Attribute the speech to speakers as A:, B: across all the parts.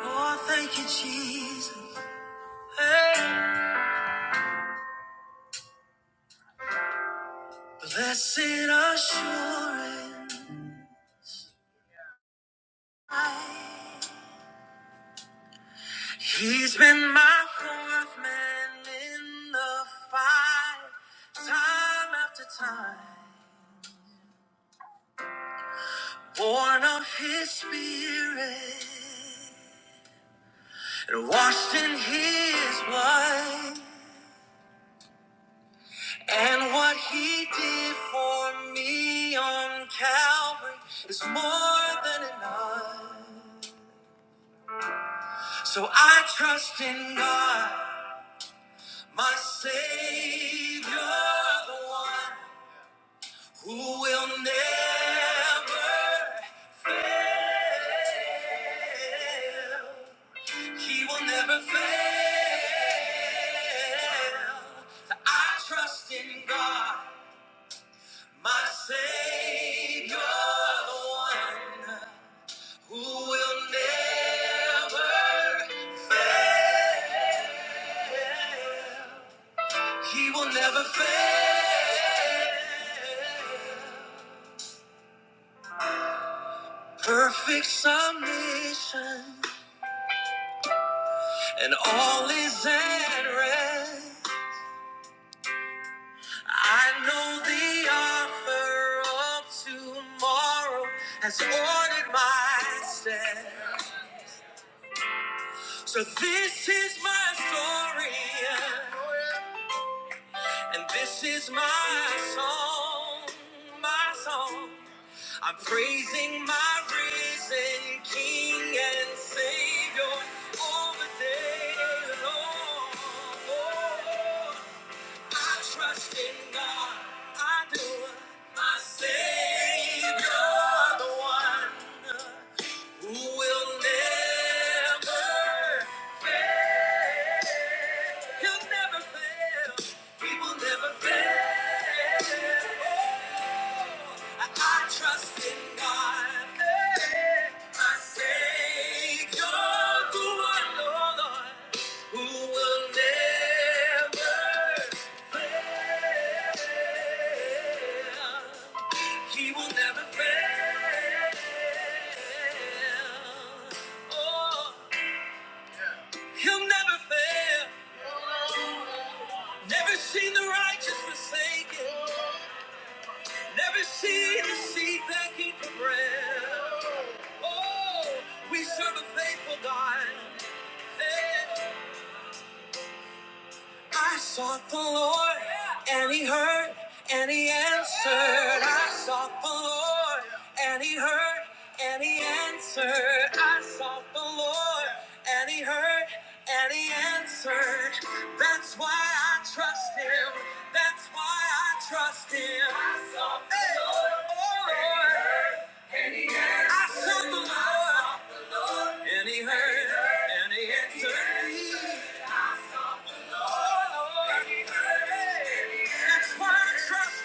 A: Oh, thank you, Jesus. Hey. Blessed assurance. He's been my fourth man in the fight, time after time. Born of his spirit and washed in his blood. And what he did for me on Calvary is more than enough. So I trust in God, my Savior, the one who will never, he will never fail. So I trust in God, my Savior, the one who will never fail. He will never fail. Perfect submission, and all is at rest. I know the offer of tomorrow has ordered my steps. So this is my story, yeah, and this is my song, my song. I'm praising my risen King and Savior all the day long. Oh, I trust in God, I do. My Savior, the one who will never, he'll never fail. He will never fail. I I trust in God. My Savior, the one, oh Lord, who will never fail. He will never fail. Oh, he'll never fail. Never seen the righteous forsaken. Never seen the seed begging for bread. Oh, we serve a faithful God. Hey. I sought the Lord, and He heard, and He answered. I sought the Lord, and He heard, and He answered. I sought the Lord, and He heard, and He answered. That's why I trust Him. That's why I trust Him. I sought the Hey. Lord, oh Lord. I sought the Lord, and He heard, and He answered. That's why I trust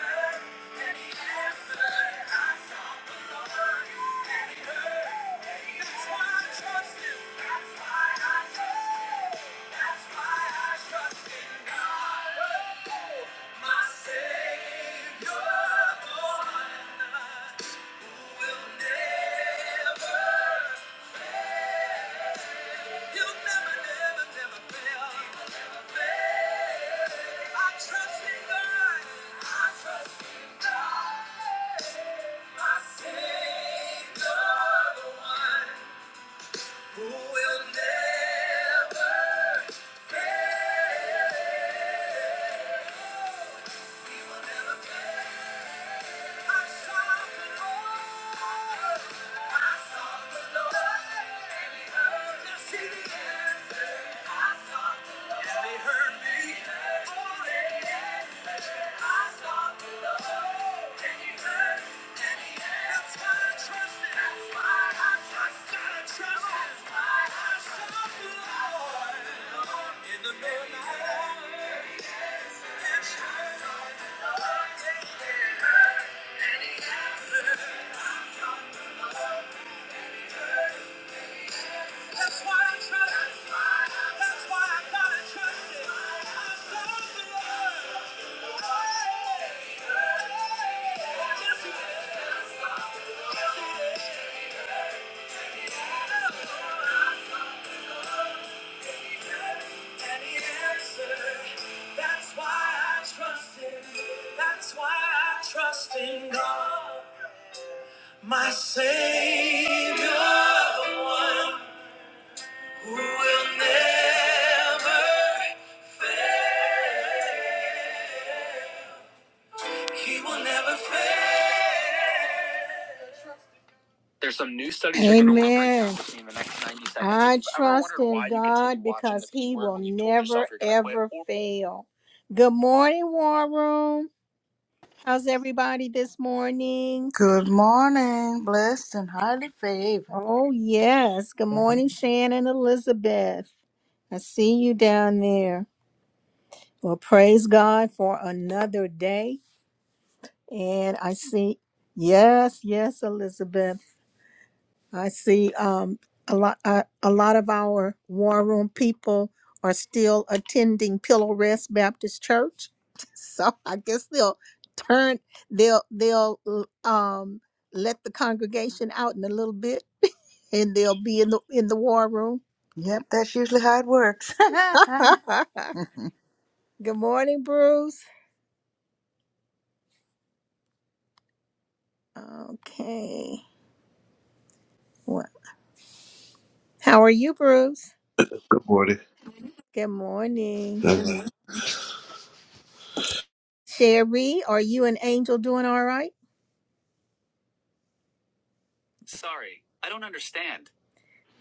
A: Yeah. Trust in God, my Savior, the one. Trust him. That's why I trust him. That's why I trust the Lord. That's why I trust him. That's why I trust in God, my Savior, the one who will, ne- he will never fail. There's some new studies. that are gonna roll right now Amen. within the next 90 seconds. I trust in God because He will never, ever fail. Good morning, War Room. How's everybody this morning?
B: Good morning, blessed and highly favored.
A: Oh, yes. Good
B: Amen.
A: morning, Shannon Elizabeth. I see you down there. Well, praise God for another day. And I see, yes, yes, Elizabeth. I see um, a lot. Uh, a lot of our war room people are still attending Pillow Rest Baptist Church, so I guess they'll turn. They'll they'll um, let the congregation out in a little bit, and they'll be in the in the war room.
B: Yep, that's usually how it works.
A: Good morning, Bruce. Okay. What? How are you, Bruce?
C: Good morning.
A: Good morning, Sherry. Are you and Angel doing all right?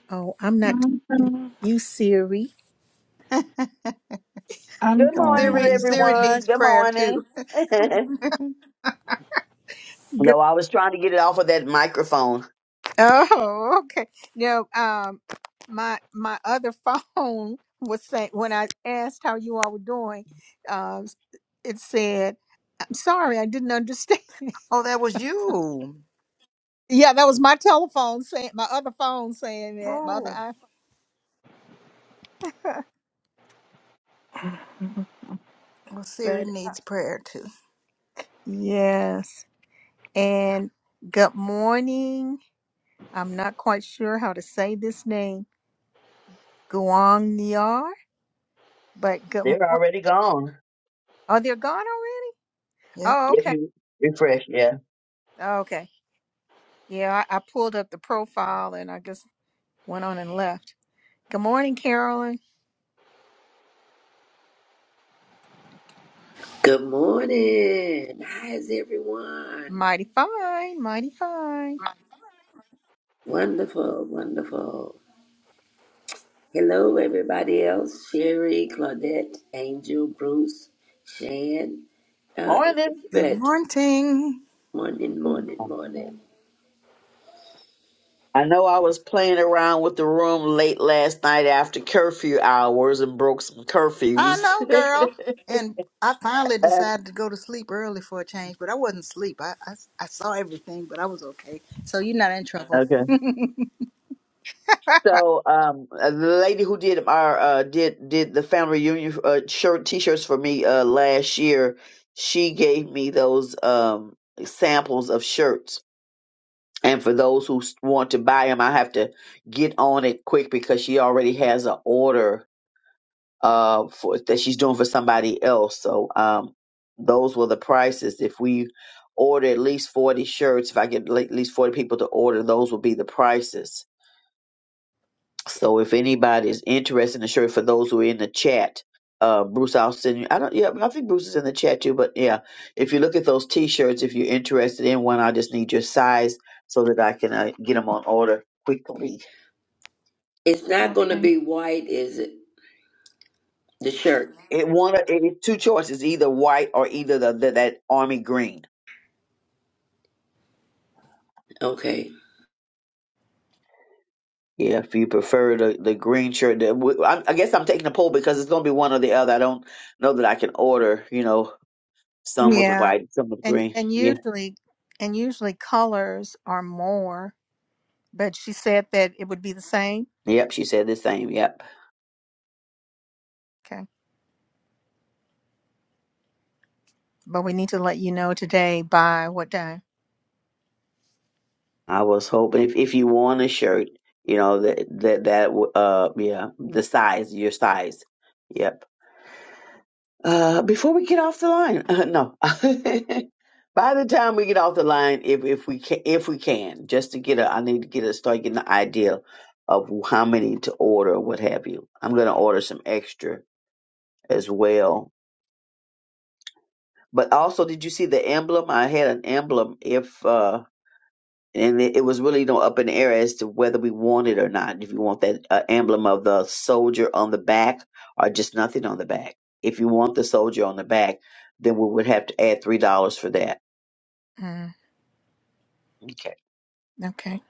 A: Oh, I'm not
D: I'm
A: talking
D: doing,
A: to you, Siri.
D: I'm
E: Good morning,
B: Siri,
D: doing
B: Siri
E: everyone.
B: needs
E: Good
B: prayer too.
E: morning.
A: Good.
E: no, I was trying to get it off of that microphone.
A: Oh, okay. No, um, my my other phone was saying when I asked how you all were doing, um, it said, "I'm sorry, I didn't understand."
B: oh, that was you.
A: yeah, that was my telephone saying my other phone saying that my other
B: Oh,
A: iPhone.
B: well, Siri
A: But uh,
B: needs prayer too.
A: yes, and good morning. I'm not quite sure how to say this name, Guang Niar, but good
E: They're
A: morning.
E: already gone.
A: Oh, they're gone already.
B: Yep.
A: Oh,
E: If
A: okay,
E: you refresh, yeah.
A: Okay. Yeah, I, I pulled up the profile and I just went on and left. Good morning, Carolyn.
F: Good morning. How is everyone?
A: Mighty fine, mighty fine.
F: Wonderful, wonderful. Hello, everybody else. Sherry, Claudette, Angel, Bruce, Shan, uh,
E: Morning.
B: Good
F: Elizabeth.
B: morning.
F: Morning, morning,
D: my
F: morning.
E: I know I was playing around with the room late last night after curfew hours and broke some
B: I
E: curfews.
B: know, girl. And I finally
E: Uh,
B: decided to go to sleep early for a change, but I wasn't asleep. I, I, I saw everything, but I was okay. So you're not in trouble.
E: okay. So, um, uh, the lady who did our uh did did the family reunion uh, shirt t-shirts for me uh last year, she gave me those um samples of shirts And for those who s- want to buy them, I have to get on it quick because she already has an order uh for that she's doing for somebody else. So um those were the prices. If we order at least forty shirts, if I get at least forty people to order, those will be the prices. So if anybody is interested in the shirt, for those who are in the chat, uh, Bruce, I'll send you. I don't. Yeah, I think Bruce is in the chat too. But yeah, if you look at those T-shirts, if you're interested in one, I just need your size so that I can uh, get them on order quickly.
F: It's not going to
A: Okay.
F: be white, is it? The shirt.
E: It one. it's two choices: either white or either the, the that army green.
F: Okay.
E: Yeah, if you prefer the, the green shirt, the, w- I, I guess I'm taking a poll because it's going to be one or the other. I don't know that I can order, you know, some with
A: Yeah.
E: white, some with
A: And
E: green.
A: and
E: Yeah,
A: usually and usually colors are more, but she said that it would be the same.
E: yep. She said the same. Yep.
A: Okay. But we need to let you know today by what day.
E: I was hoping if, if you want a shirt, you know that that that uh yeah the size your size, yep. Uh, before we get off the line, uh, no. By the time we get off the line, if if we can, if we can, just to get a, I need to get a start getting the idea of how many to order, and what have you. I'm gonna order some extra as well. But also, did you see the emblem? I had an emblem. If uh and it, it was really you know up in the air as to whether we want it or not. If you want that uh, emblem of the soldier on the back or just nothing on the back. If you want the soldier on the back, then we would have to add three dollars for that.
A: Mm,
E: Okay.
A: okay.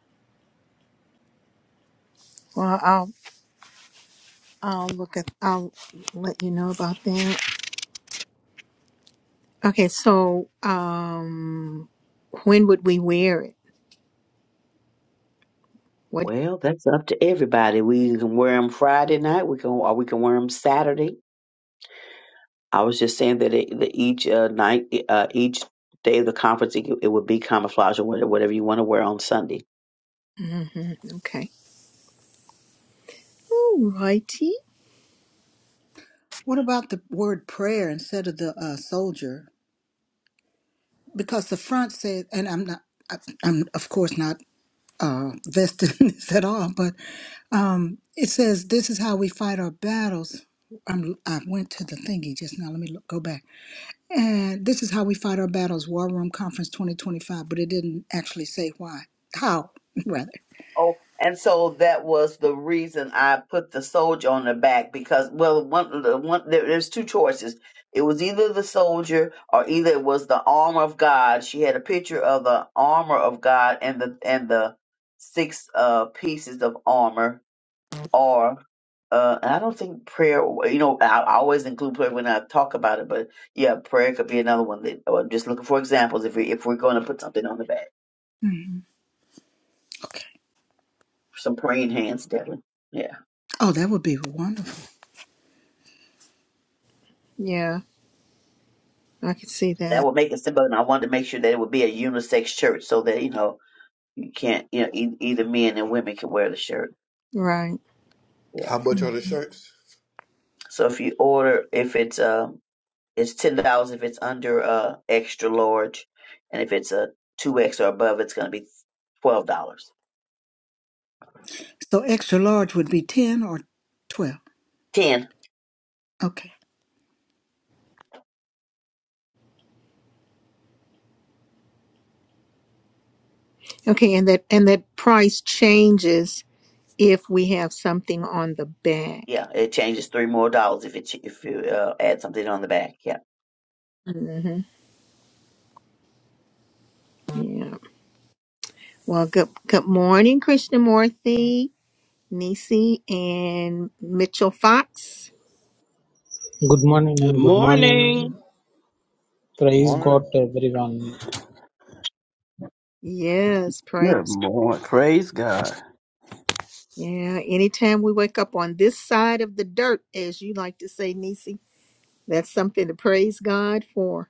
A: Well, I'll I'll look at I'll let you know about that. Okay, so um when would we wear it? What?
E: Well, that's up to everybody. We can wear them Friday night. We can or we can wear them Saturday. I was just saying that, it, that each uh, night, uh, each day of the conference, it, it would be camouflage or whatever whatever you want to wear on Sunday.
A: hmm Okay. All righty.
B: What about the word prayer instead of the uh, soldier? because the front said, and I'm not, I- I'm of course not uh, vested in this at all, but um, it says this is how we fight our battles. I'm, I went to the thingy just now. Let me look, go back. And this is how we fight our battles. War Room Conference 2025, but it didn't actually say why, how rather.
E: Oh, and so that was the reason I put the soldier on the back because well, one, the one there, there's two choices. It was either the soldier or either it was the armor of God. She had a picture of the armor of God and the and the six uh pieces of armor, or uh, and I don't think prayer. You know, I, I always include prayer when I talk about it, but yeah, prayer could be another one. That, or I'm just looking for examples if we if we're going to put something on the back,
B: Mm, okay.
E: some praying hands, definitely. Yeah.
B: Oh, that would be wonderful.
A: Yeah, I can see
E: that
A: that.
E: would make it simple. And I wanted to make sure that it would be a unisex shirt so that, you know, you can't, you know, e- either men and women can wear the shirt.
A: Right.
E: Yeah.
C: How much are the shirts?
E: So if you order, if it's, um, it's $10 if it's under, uh, extra large. And if it's a 2X or above, it's going to be $12. dollars.
B: So extra large would be 10 or 12.
E: 10
B: Okay.
A: Okay, and that and that price changes if we have something on the
E: Yeah.
A: back.
E: It changes three more dollars if it, if you, uh, add something on the back. Yeah.
A: hmm Yeah. Well, good good morning, Krishnamurthy, Nisi, and Mitchell Fox.
G: Good morning,
H: Good
G: ma'am. Good morning.
H: morning.
G: Praise God,
I: Morning.
G: everyone.
A: Yes, pray.
H: Good morning. Praise God.
A: Yeah, anytime we wake up on this side of the dirt, as you like to say, Nisi. That's something to praise God for.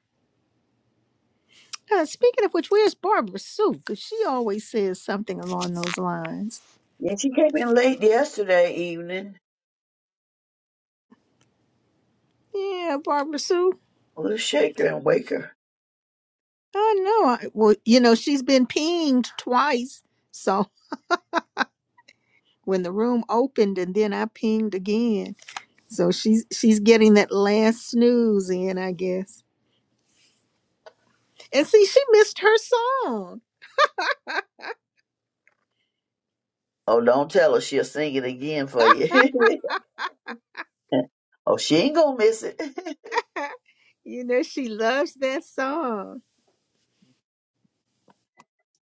A: Uh, speaking of which, where's Barbara Sue? Because she always says something along those lines.
E: Yeah. She came in late yesterday evening.
A: Yeah, Barbara Sue.
E: We'll shake her and wake her.
A: Oh, no. I, well, you know, she's been pinged twice. So when the room opened and then I pinged again. So she's she's getting that last snooze in, I guess. And see, she missed her song.
E: Oh, don't tell her. She'll sing it again for you. oh, she ain't gonna miss it.
A: You know, she loves that song.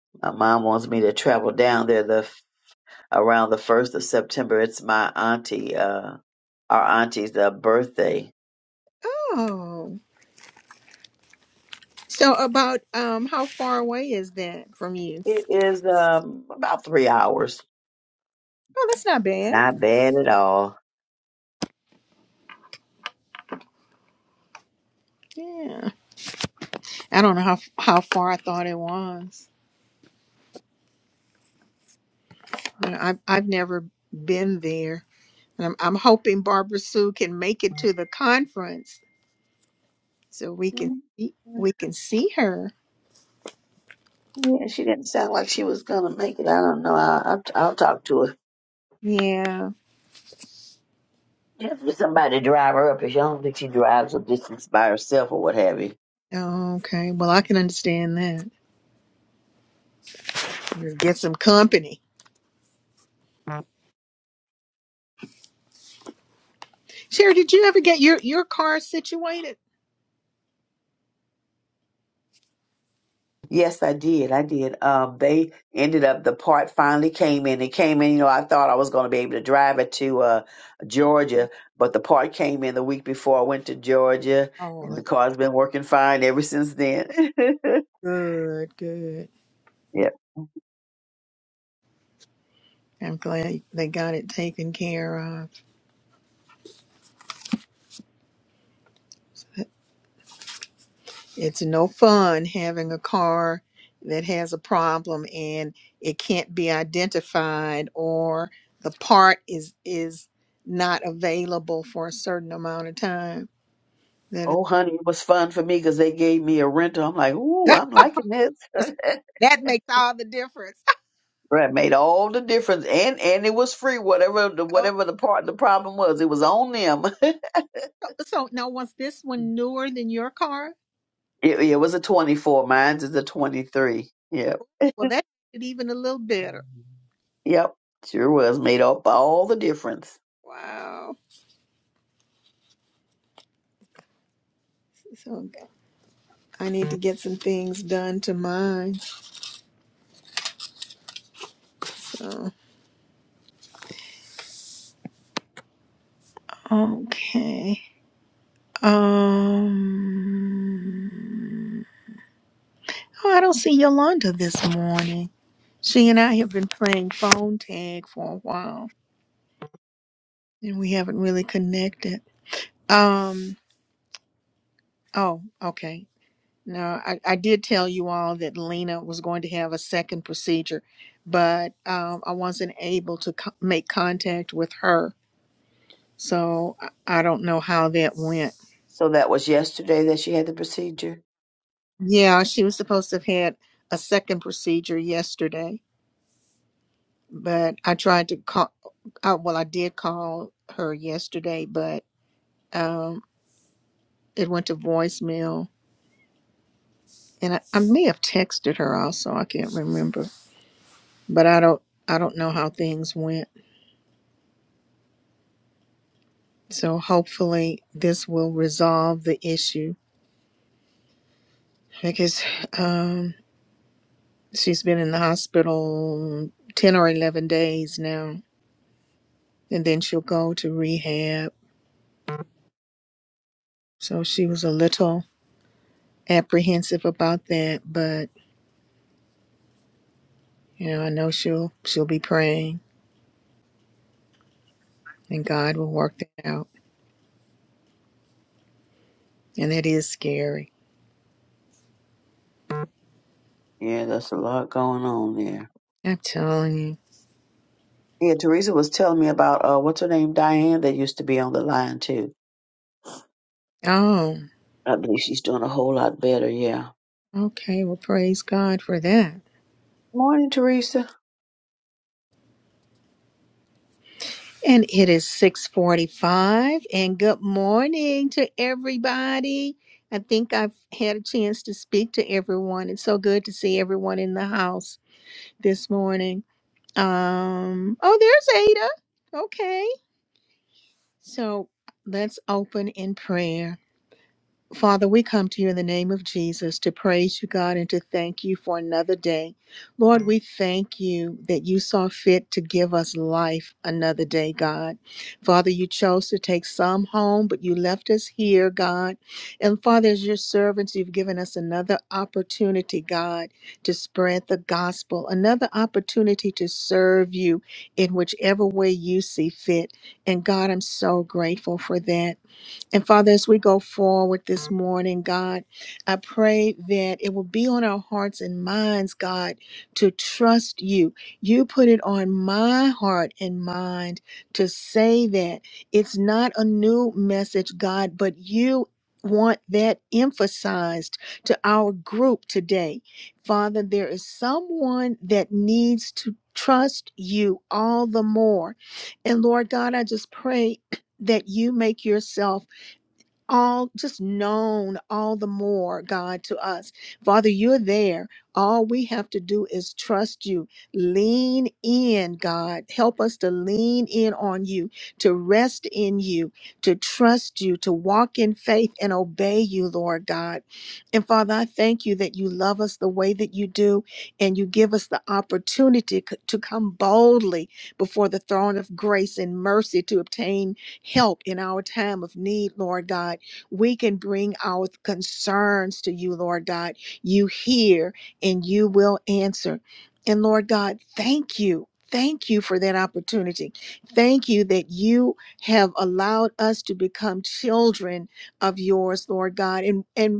E: my mom wants me to travel down there the around the first of September. It's my auntie, uh, our auntie's uh, birthday.
A: Oh. So about um how far away is that from you?
E: It is um, about three hours.
A: Oh, that's not bad.
E: Not bad at all.
A: Yeah, I don't know how how far I thought it was. You know, I've I've never been there, and I'm I'm hoping Barbara Sue can make it to the conference so we can
E: Yeah,
A: see- we can see her.
E: yeah, she didn't sound like she was gonna make it. I don't know. I'll, I'll, I'll talk to her.
A: Yeah.
E: Just for somebody to drive her up. If she I don't think she drives a distance by herself or what have you.
A: Okay. Well, I can understand that. You Get some company. Sherry, did you ever get your your car situated?
E: Yes, I did. I did. Um, they ended up the part finally came in. It came in. You know, I thought I was going to be able to drive it to uh, Georgia, but the part came in the week before I went to Georgia,
A: Oh,
E: and the
A: that's
E: car's been working fine ever since then.
A: good. Good.
E: yeah.
A: I'm glad they got it taken care of. It's no fun having a car that has a problem and it can't be identified or the part is is not available for a certain amount of time. That is
E: Oh, honey, it was fun for me because they gave me a rental. I'm like, ooh, I'm liking this.
A: that makes all the difference.
E: Right, made all the difference, and and it was free. Whatever the
A: Oh,
E: whatever the part the problem was, it was on them.
A: so now was this one newer than your car?
E: it, it was a 24. Mine's is a 23. Yeah.
A: Well, that made it even a little better.
E: Yep, sure was. Made up all the difference.
A: Wow. So I need to get some things done to mine. So okay. Um Oh, I don't see Yolanda this morning. She and I have been playing phone tag for a while, and we haven't really connected. Um. Oh, okay. No, I, I did tell you all that Lena was going to have a second procedure, but um, I wasn't able to co- make contact with her, so I, I don't know how that went.
E: So that was yesterday that she had the procedure.
A: Yeah, she was supposed to have had a second procedure yesterday. but I tried to call. I, well, I did call her yesterday, but um, it went to voicemail, and I, I may have texted her also. I can't remember, but I don't. I don't know how things went. So hopefully this will resolve the issue because um, she's been in the hospital ten or eleven days now, and then she'll go to rehab. So she was a little apprehensive about that, but You know, I know she'll she'll be praying and God will work that out. And that is scary.
E: Yeah, that's a lot going on there.
A: I'm telling you.
E: Yeah, Teresa was telling me about uh, what's her name, Diane, that used to be on the line too.
A: Oh,
E: I believe she's doing a whole lot better. Yeah.
A: okay. Well, praise God for that.
E: Morning, Teresa.
A: And it is 645 and good morning to everybody. I think I've had a chance to speak to everyone. It's so good to see everyone in the house this morning. Um, oh, there's Ada. Okay. So let's open in prayer. Father, we come to you in the name of Jesus to praise you, God, and to thank you for another day. Lord, we thank you that you saw fit to give us life another day, God. Father, you chose to take some home, but you left us here, God. And Father, as your servants, you've given us another opportunity, God, to spread the gospel, another opportunity to serve you in whichever way you see fit. And God, I'm so grateful for that. And Father, as we go forward this morning, God, I pray that it will be on our hearts and minds, God, to trust you. You put it on my heart and mind to say that it's not a new message, God, but you. Want that emphasized to our group today. Father, there is someone that needs to trust you all the more. And Lord God, I just pray that you make yourself all just known all the more, God, to us. Father, you're there. All we have to do is trust you. Lean in, God. Help us to lean in on you, to rest in you, to trust you, to walk in faith and obey you, Lord God. And Father, I thank you that you love us the way that you do, and you give us the opportunity c- to come boldly before the throne of grace and mercy to obtain help in our time of need, Lord God. We can bring our concerns to you, Lord God. You hear and you will answer. And Lord God, thank you. Thank you for that opportunity. Thank you that you have allowed us to become children of yours, Lord God. And and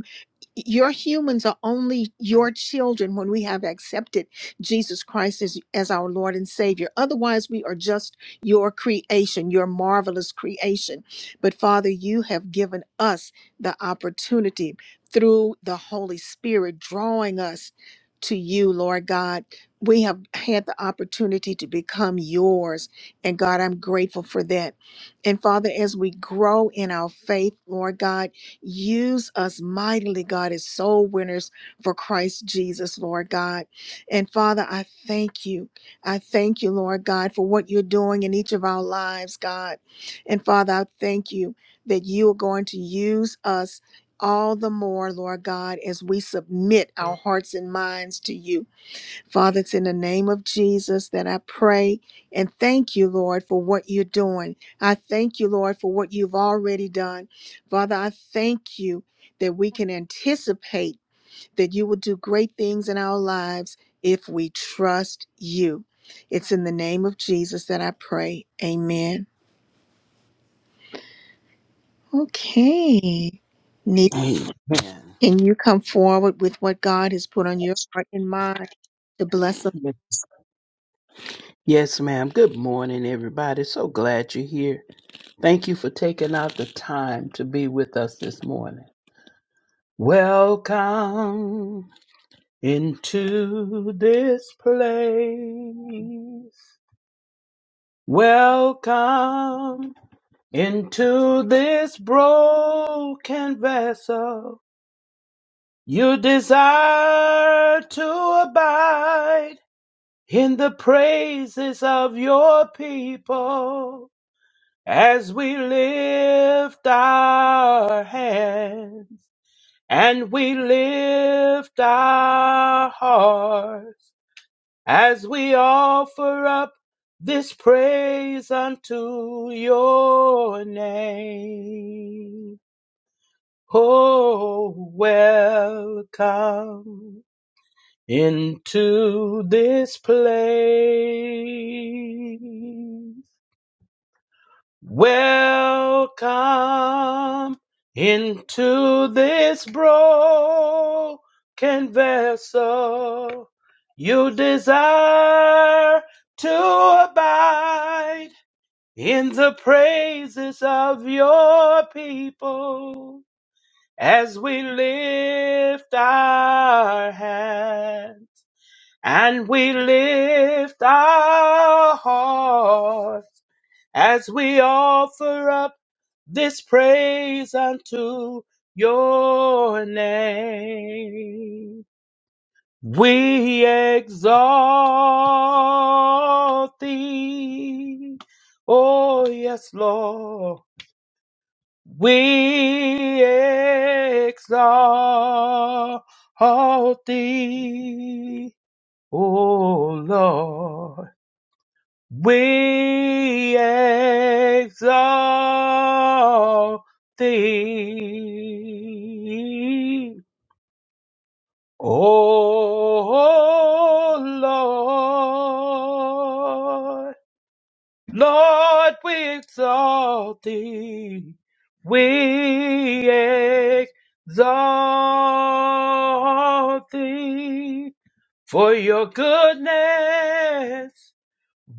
A: your humans are only your children when we have accepted Jesus Christ as, as our Lord and Savior. Otherwise, we are just your creation, your marvelous creation. But Father, you have given us the opportunity through the Holy Spirit drawing us to you, Lord God. We have had the opportunity to become yours. And God, I'm grateful for that. And Father, as we grow in our faith, Lord God, Use us mightily, God, as soul winners for Christ Jesus, Lord God. And Father, I thank you. I thank you, Lord God, for what you're doing in each of our lives, God. And Father, I thank you that you are going to use us all the more, Lord God, as we submit our hearts and minds to you. Father, it's in the name of Jesus that I pray and thank you, Lord, for what you're doing. I thank you, Lord, for what you've already done. Father, I thank you that we can anticipate that you will do great things in our lives if we trust you. It's in the name of Jesus that I pray. Amen. Okay. Nita,
H: Amen.
A: can you come forward with what God has put on your heart and mind to bless us?
H: Yes, ma'am. Good morning, everybody. So glad you're here. Thank you for taking out the time to be with us this morning. Welcome into this place. Welcome into this broken vessel. You desire to abide. in the praises of your people as we lift our hands and we lift our hearts as we offer up this praise unto your name. Oh, welcome into this place. Welcome into this broken vessel. You desire to abide in the praises of your people as we lift our hands and we lift our hearts as we offer up this praise unto your name. We exalt thee. Oh, yes, Lord. We exalt thee. Oh, Lord. We exalt thee, O Lord. Lord, we exalt thee. We exalt thee for your goodness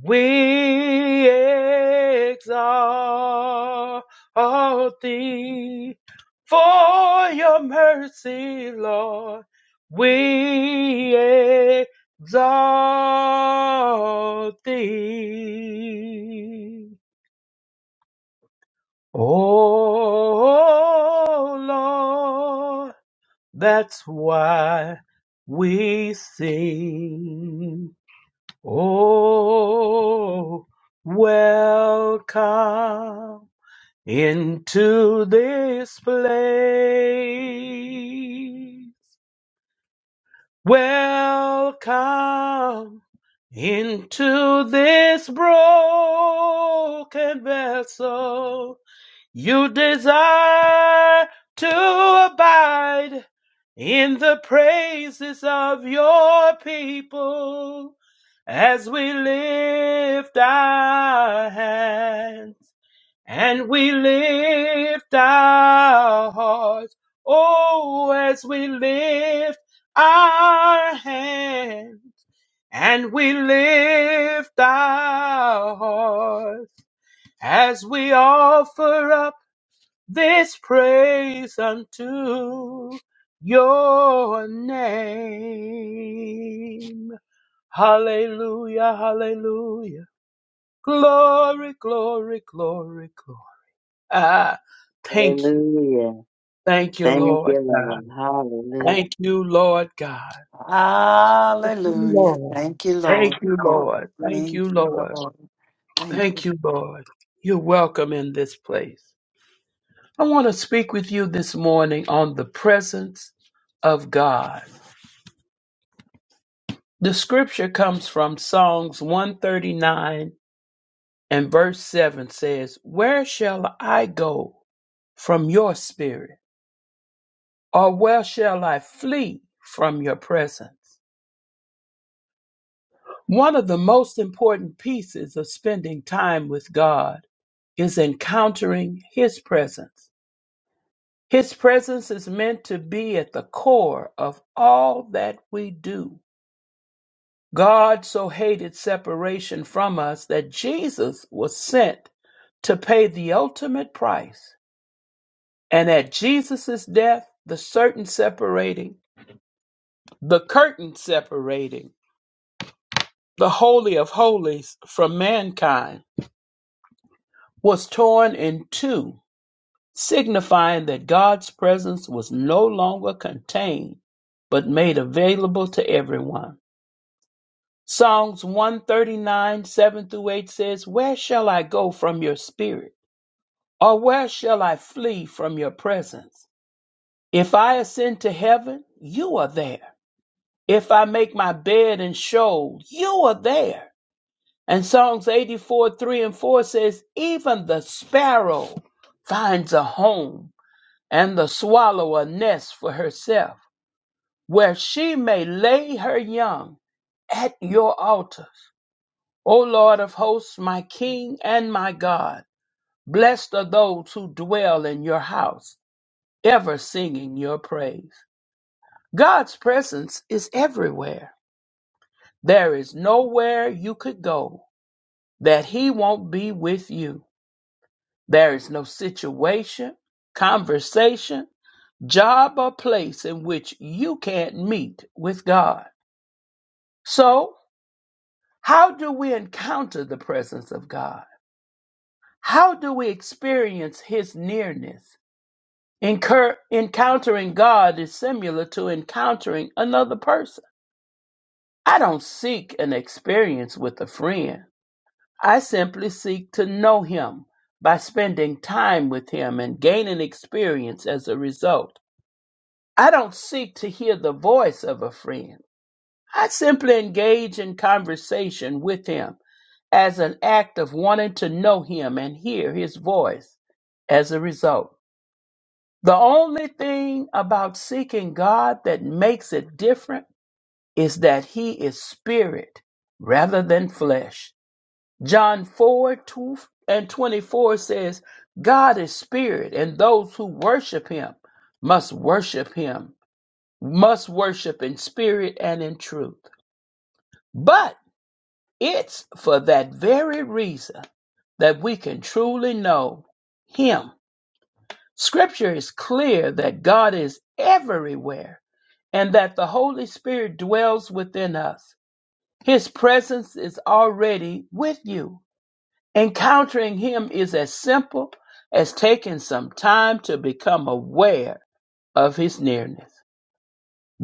H: we exalt thee for your mercy, Lord. We exalt thee. Oh Lord, that's why we sing. Oh, welcome into this place. Welcome into this broken vessel. You desire to abide in the praises of your people as we lift our hands and we lift our hearts. Oh, as we lift our hands and we lift our hearts as we offer up this praise unto your name. Hallelujah, hallelujah. Glory, glory, glory, glory. Ah, thank you.
E: Hallelujah.
H: Thank you,
E: Thank
H: Lord
E: you,
H: God.
E: Lord.
H: Thank you, Lord God. Thank you,
J: Hallelujah.
H: Lord.
J: Thank you,
H: Thank
J: Lord.
H: you, Lord. Thank
J: Thank
H: you,
J: you,
H: Lord.
J: Lord. Thank you.
H: Thank you, Lord. You're welcome in this place. I want to speak with you this morning on the presence of God. The scripture comes from Psalms 139 and verse 7 says, Where shall I go from your spirit? Or where shall I flee from your presence? One of the most important pieces of spending time with God is encountering His presence. His presence is meant to be at the core of all that we do. God so hated separation from us that Jesus was sent to pay the ultimate price. And at Jesus' death, the certain separating, the curtain separating, the Holy of Holies from mankind was torn in two, signifying that God's presence was no longer contained, but made available to everyone. Psalms 139, 7 through 8 says, Where shall I go from your spirit? Or where shall I flee from your presence? If I ascend to heaven, you are there. If I make my bed in Sheol, you are there. And Psalms 84, 3 and 4 says, Even the sparrow finds a home, and the swallow a nest for herself, where she may lay her young at your altars. O Lord of hosts, my King and my God, blessed are those who dwell in your house. ever singing your praise. God's presence is everywhere. There is nowhere you could go that He won't be with you. There is no situation, conversation, job, or place in which you can't meet with God. So, how do we encounter the presence of God? How do we experience His nearness? Incur- encountering God is similar to encountering another person. I don't seek an experience with a friend. I simply seek to know him by spending time with him and gaining experience as a result. I don't seek to hear the voice of a friend. I simply engage in conversation with him as an act of wanting to know him and hear his voice as a result. The only thing about seeking God that makes it different is that he is spirit rather than flesh. John 4 2 and 24 says, God is spirit, and those who worship him must worship him, must worship in spirit and in truth. But it's for that very reason that we can truly know him. Scripture is clear that God is everywhere and that the Holy Spirit dwells within us. His presence is already with you. Encountering Him is as simple as taking some time to become aware of His nearness.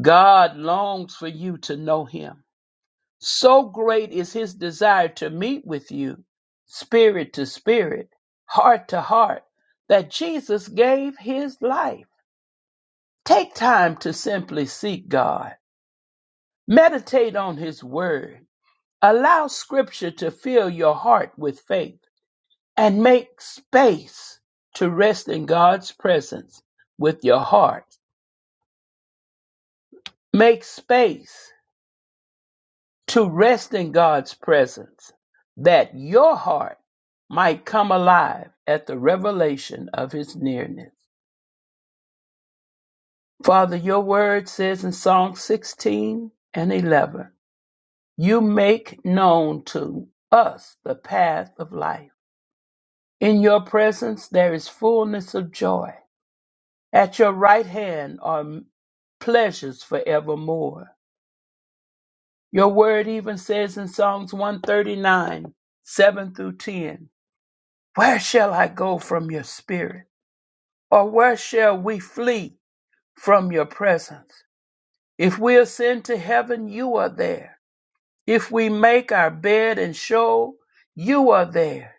H: God longs for you to know Him. So great is His desire to meet with you, spirit to spirit, heart to heart, that Jesus gave His life. Take time to simply seek God, meditate on His Word, allow Scripture to fill your heart with faith and make space to rest in God's presence with your heart. Make space to rest in God's presence that your heart might come alive at the revelation of his nearness. Father, your word says in Psalm 16 and 11, you make known to us the path of life. In your presence there is fullness of joy At your right hand are pleasures forevermore. Your word even says in Psalms 139, 7 through 10, Where shall I go from your spirit? Or where shall we flee from your presence? If we ascend to heaven, you are there. If we make our bed in shoal, you are there.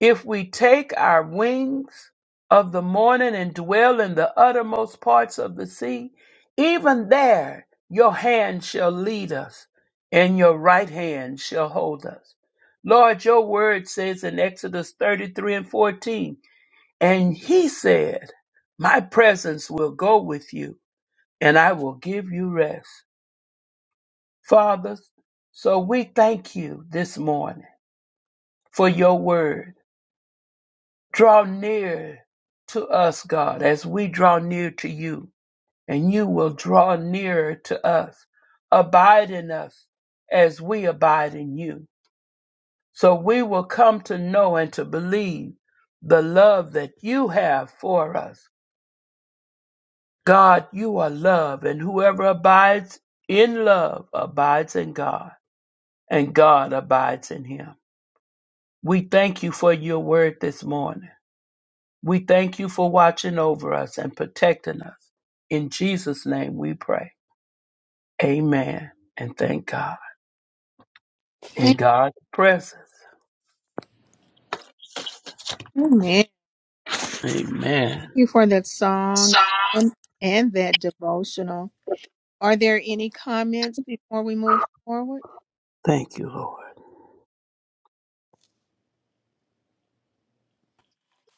H: If we take our wings of the morning and dwell in the uttermost parts of the sea, even there your hand shall lead us and your right hand shall hold us. Lord, your word says in Exodus 33 and 14, and he said, My presence will go with you and I will give you rest. Father, so we thank you this morning for your word. Draw near to us, God, as we draw near to you, and you will draw nearer to us. Abide in us as we abide in you. So we will come to know and to believe the love that you have for us. God, you are love, and whoever abides in love abides in God, and God abides in him. We thank you for your word this morning. We thank you for watching over us and protecting us. In Jesus' name we pray. Amen. And thank God. In God's presence.
A: Amen.
H: Amen.
A: you for that song and, and that devotional. Are there any comments before we move forward?
H: Thank you, Lord.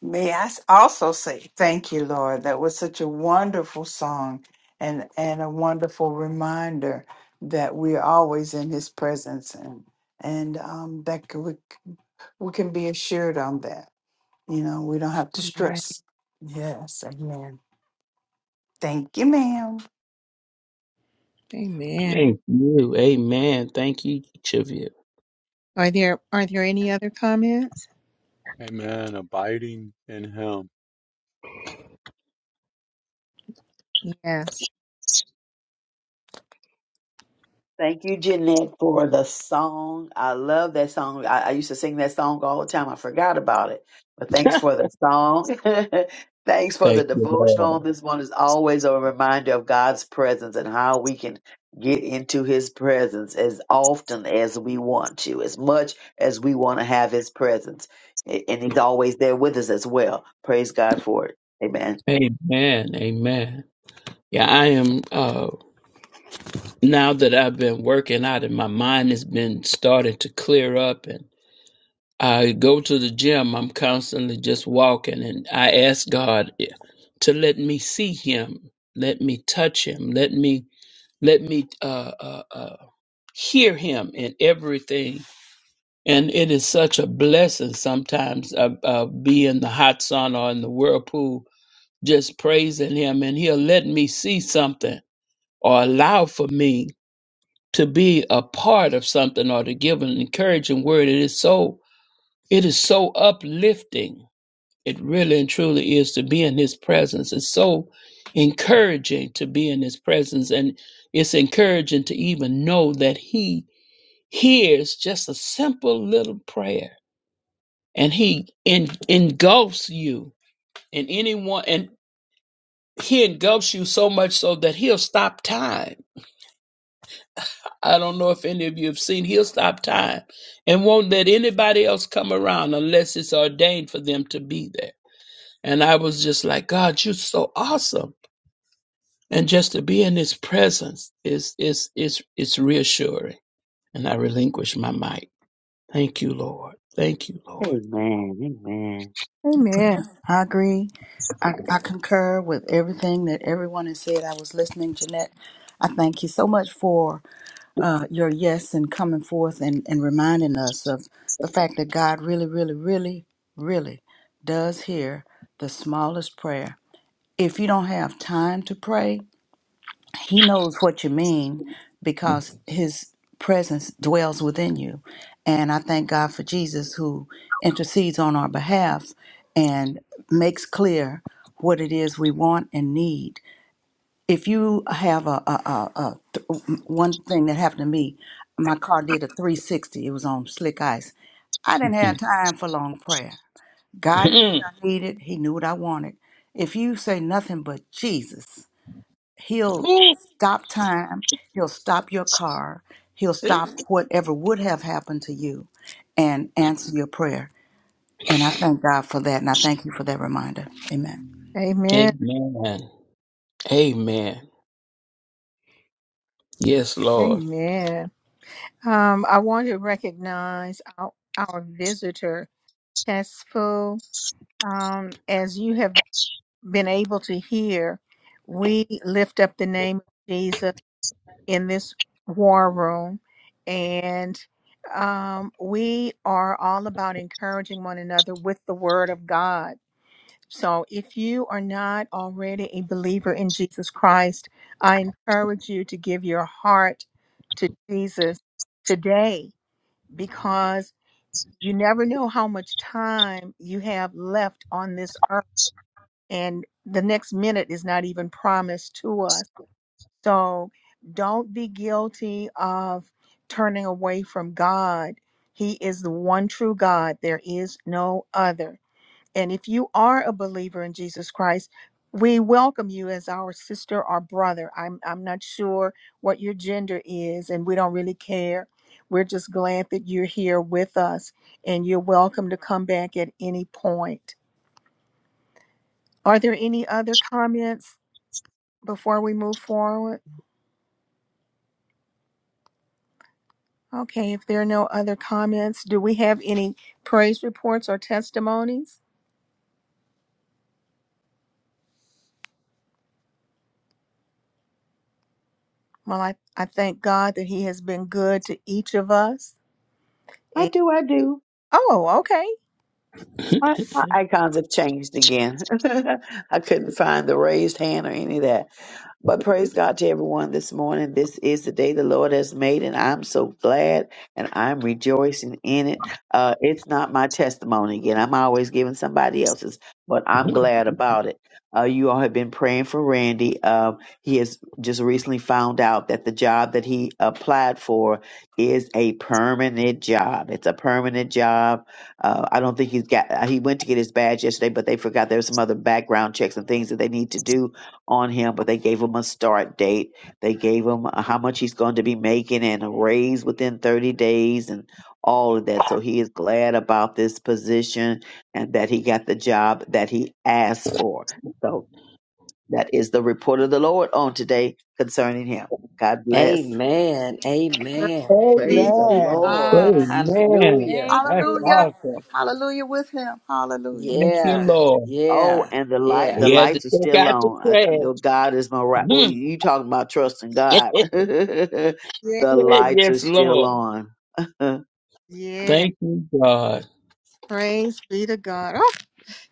J: May I s- also say thank you, Lord. That was such a wonderful song and, and a wonderful reminder that we're always in his presence and and um, that c- we, c- we can be assured on that. You know, we don't have to
A: Yeah.
J: stress. Yes, amen. Thank you, ma'am.
A: Amen.
H: Thank you. Amen. Thank you, each of you.
A: Are there are there any other comments?
I: Amen. Abiding in Him.
A: Yes.
E: Thank you, Jeanette, for the song. I love that song. I, I used to sing that song all the time. I forgot about it, but thanks for the song. thanks for
H: Thank
E: the
H: you,
E: devotional.
H: Lord.
E: This one is always a reminder of God's presence and how we can get into His presence as often as we want to, as much as we want to have His presence. A- And He's always there with us as well. Praise God for it. Amen.
H: Amen. Amen. Yeah, I am. Uh, now that I've been working out, and my mind has been starting to clear up, and I go to the gym, I'm constantly just walking, and I ask God to let me see Him, let me touch Him, let me let me uh, uh, uh, hear Him in everything. And it is such a blessing sometimes uh, uh, be in the hot sun or in the whirlpool, just praising Him, and He'll let me see something or allow for me to be a part of something or to give an encouraging word. It is so it is so uplifting It really and truly is to be in his presence. It's so encouraging to be in his presence, and it's encouraging to even know that he hears just a simple little prayer and he en- engulfs you and anyone and he engulfs you so much so that he'll stop time. I don't know if any of you have seen he'll stop time and won't let anybody else come around unless it's ordained for them to be there. And I was just like, God, you're so awesome And just to be in his presence is is is is reassuring. And I relinquish my mic. Thank you, Lord. Thank you, Lord.
E: Amen. Amen.
A: Amen.
B: I agree. I, I concur with everything that everyone has said. I was listening, Jeanette. I thank you so much for uh, your yes and coming forth and, and reminding us of the fact that God really, really, really, really does hear the smallest prayer. If you don't have time to pray, he knows what you mean because his presence dwells within you. And I thank God for Jesus who intercedes on our behalf and makes clear what it is we want and need. If you have a, a, a, a th- one thing that happened to me, my car did a 360. It was on slick ice. I didn't have time for long prayer. God knew what I needed. He knew what I wanted. If you say nothing but Jesus, he'll stop time he'll stop your car he'll stop whatever would have happened to you and answer your prayer and i thank god for that and i thank you for that reminder amen
A: Amen.
H: Amen. Amen. Yes, Lord.
A: Amen. Um, I want to recognize our, our visitor, Tessful. Um, as you have been able to hear, we lift up the name of Jesus in this war room and um, we are all about encouraging one another with the word of god so if you are not already a believer in jesus christ i encourage you to give your heart to jesus today because you never know how much time you have left on this earth and the next minute is not even promised to us so don't be guilty of turning away from God. He is the one true God, there is no other. And if you are a believer in Jesus Christ, we welcome you as our sister or brother. I'm, I'm not sure what your gender is, and we don't really care. We're just glad that you're here with us, and you're welcome to come back at any point. Are there any other comments before we move forward? Okay, if there are no other comments, do we have any praise reports or testimonies? Well, I, I thank God that He has been good to each of us.
E: I
A: And,
E: do. I do.
A: oh, okay.
H: Amen.
E: My, my icons have changed again. I couldn't find the raised hand or any of that. But praise God to everyone this morning. This is the day the Lord has made, and I'm so glad and I'm rejoicing in it. Uh, it's not my testimony again. I'm always giving somebody else's, but I'm glad about it. Uh, you all have been praying for Randy. Um, he has just recently found out that the job that he applied for is a permanent job. It's a permanent job uh, I don't think he's got. uh, He went to get his badge yesterday, but they forgot there were some other background checks and things that they need to do on him. But they gave him a start date. They gave him uh, how much he's going to be making and a raise within 30 days and all of that. So he is glad about this position and that he got the job that he asked for. So that is the report of the Lord on today concerning him. God bless.
F: Amen. Amen.
A: Be
F: Praise the
A: to-
K: Amen.
F: Lord. Hallelujah.
H: That's
B: hallelujah
H: awesome.
B: hallelujah with him hallelujah
H: Thank you,
F: Yeah.
H: Lord.
E: Oh,
F: Yeah.
E: and the light,
F: Yeah.
E: the
H: He had to
E: lights are
H: take
E: still
H: out the
E: on. I, you know, God is my right. Oh, you
H: trash.
E: you talking about trusting God? the
A: Yeah,
E: lights are
H: yes,
E: still
H: Lord.
E: on.
A: yeah.
H: Thank you, God.
A: Praise be to God. Oh,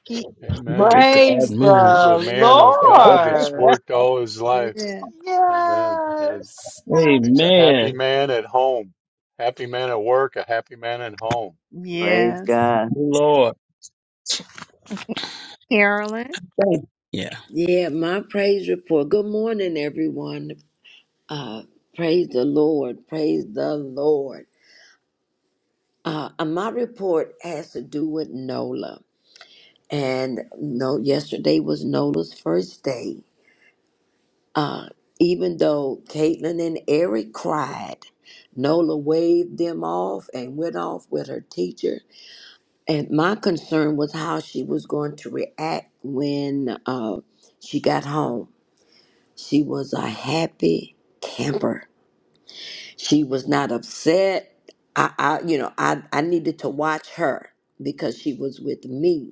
A: He,
H: Look
I: Amen.
H: at
J: Praise
H: God
I: As
H: move.
I: a
J: the
I: man of God that's
J: Lord.
I: worked all his life.
A: yes,
I: Amen. And
J: Yes.
I: makes a happy
H: Amen.
I: man at home. Happy man at work, a happy man at home.
E: Praise
A: yes.
E: God.
H: Lord.
A: Okay, Carolyn.
H: Thank Yeah.
F: Yeah. My praise report. Good morning, everyone. Uh, praise the Lord. Praise the Lord. Uh, and my report has to do with Nola. And no, yesterday was Nola's first day. Uh, even though Caitlin and Eric cried, Nola waved them off and went off with her teacher. And my concern was how she was going to react when uh, she got home. She was a happy camper She was not upset. I, I you know, I, I needed to watch her because she was with me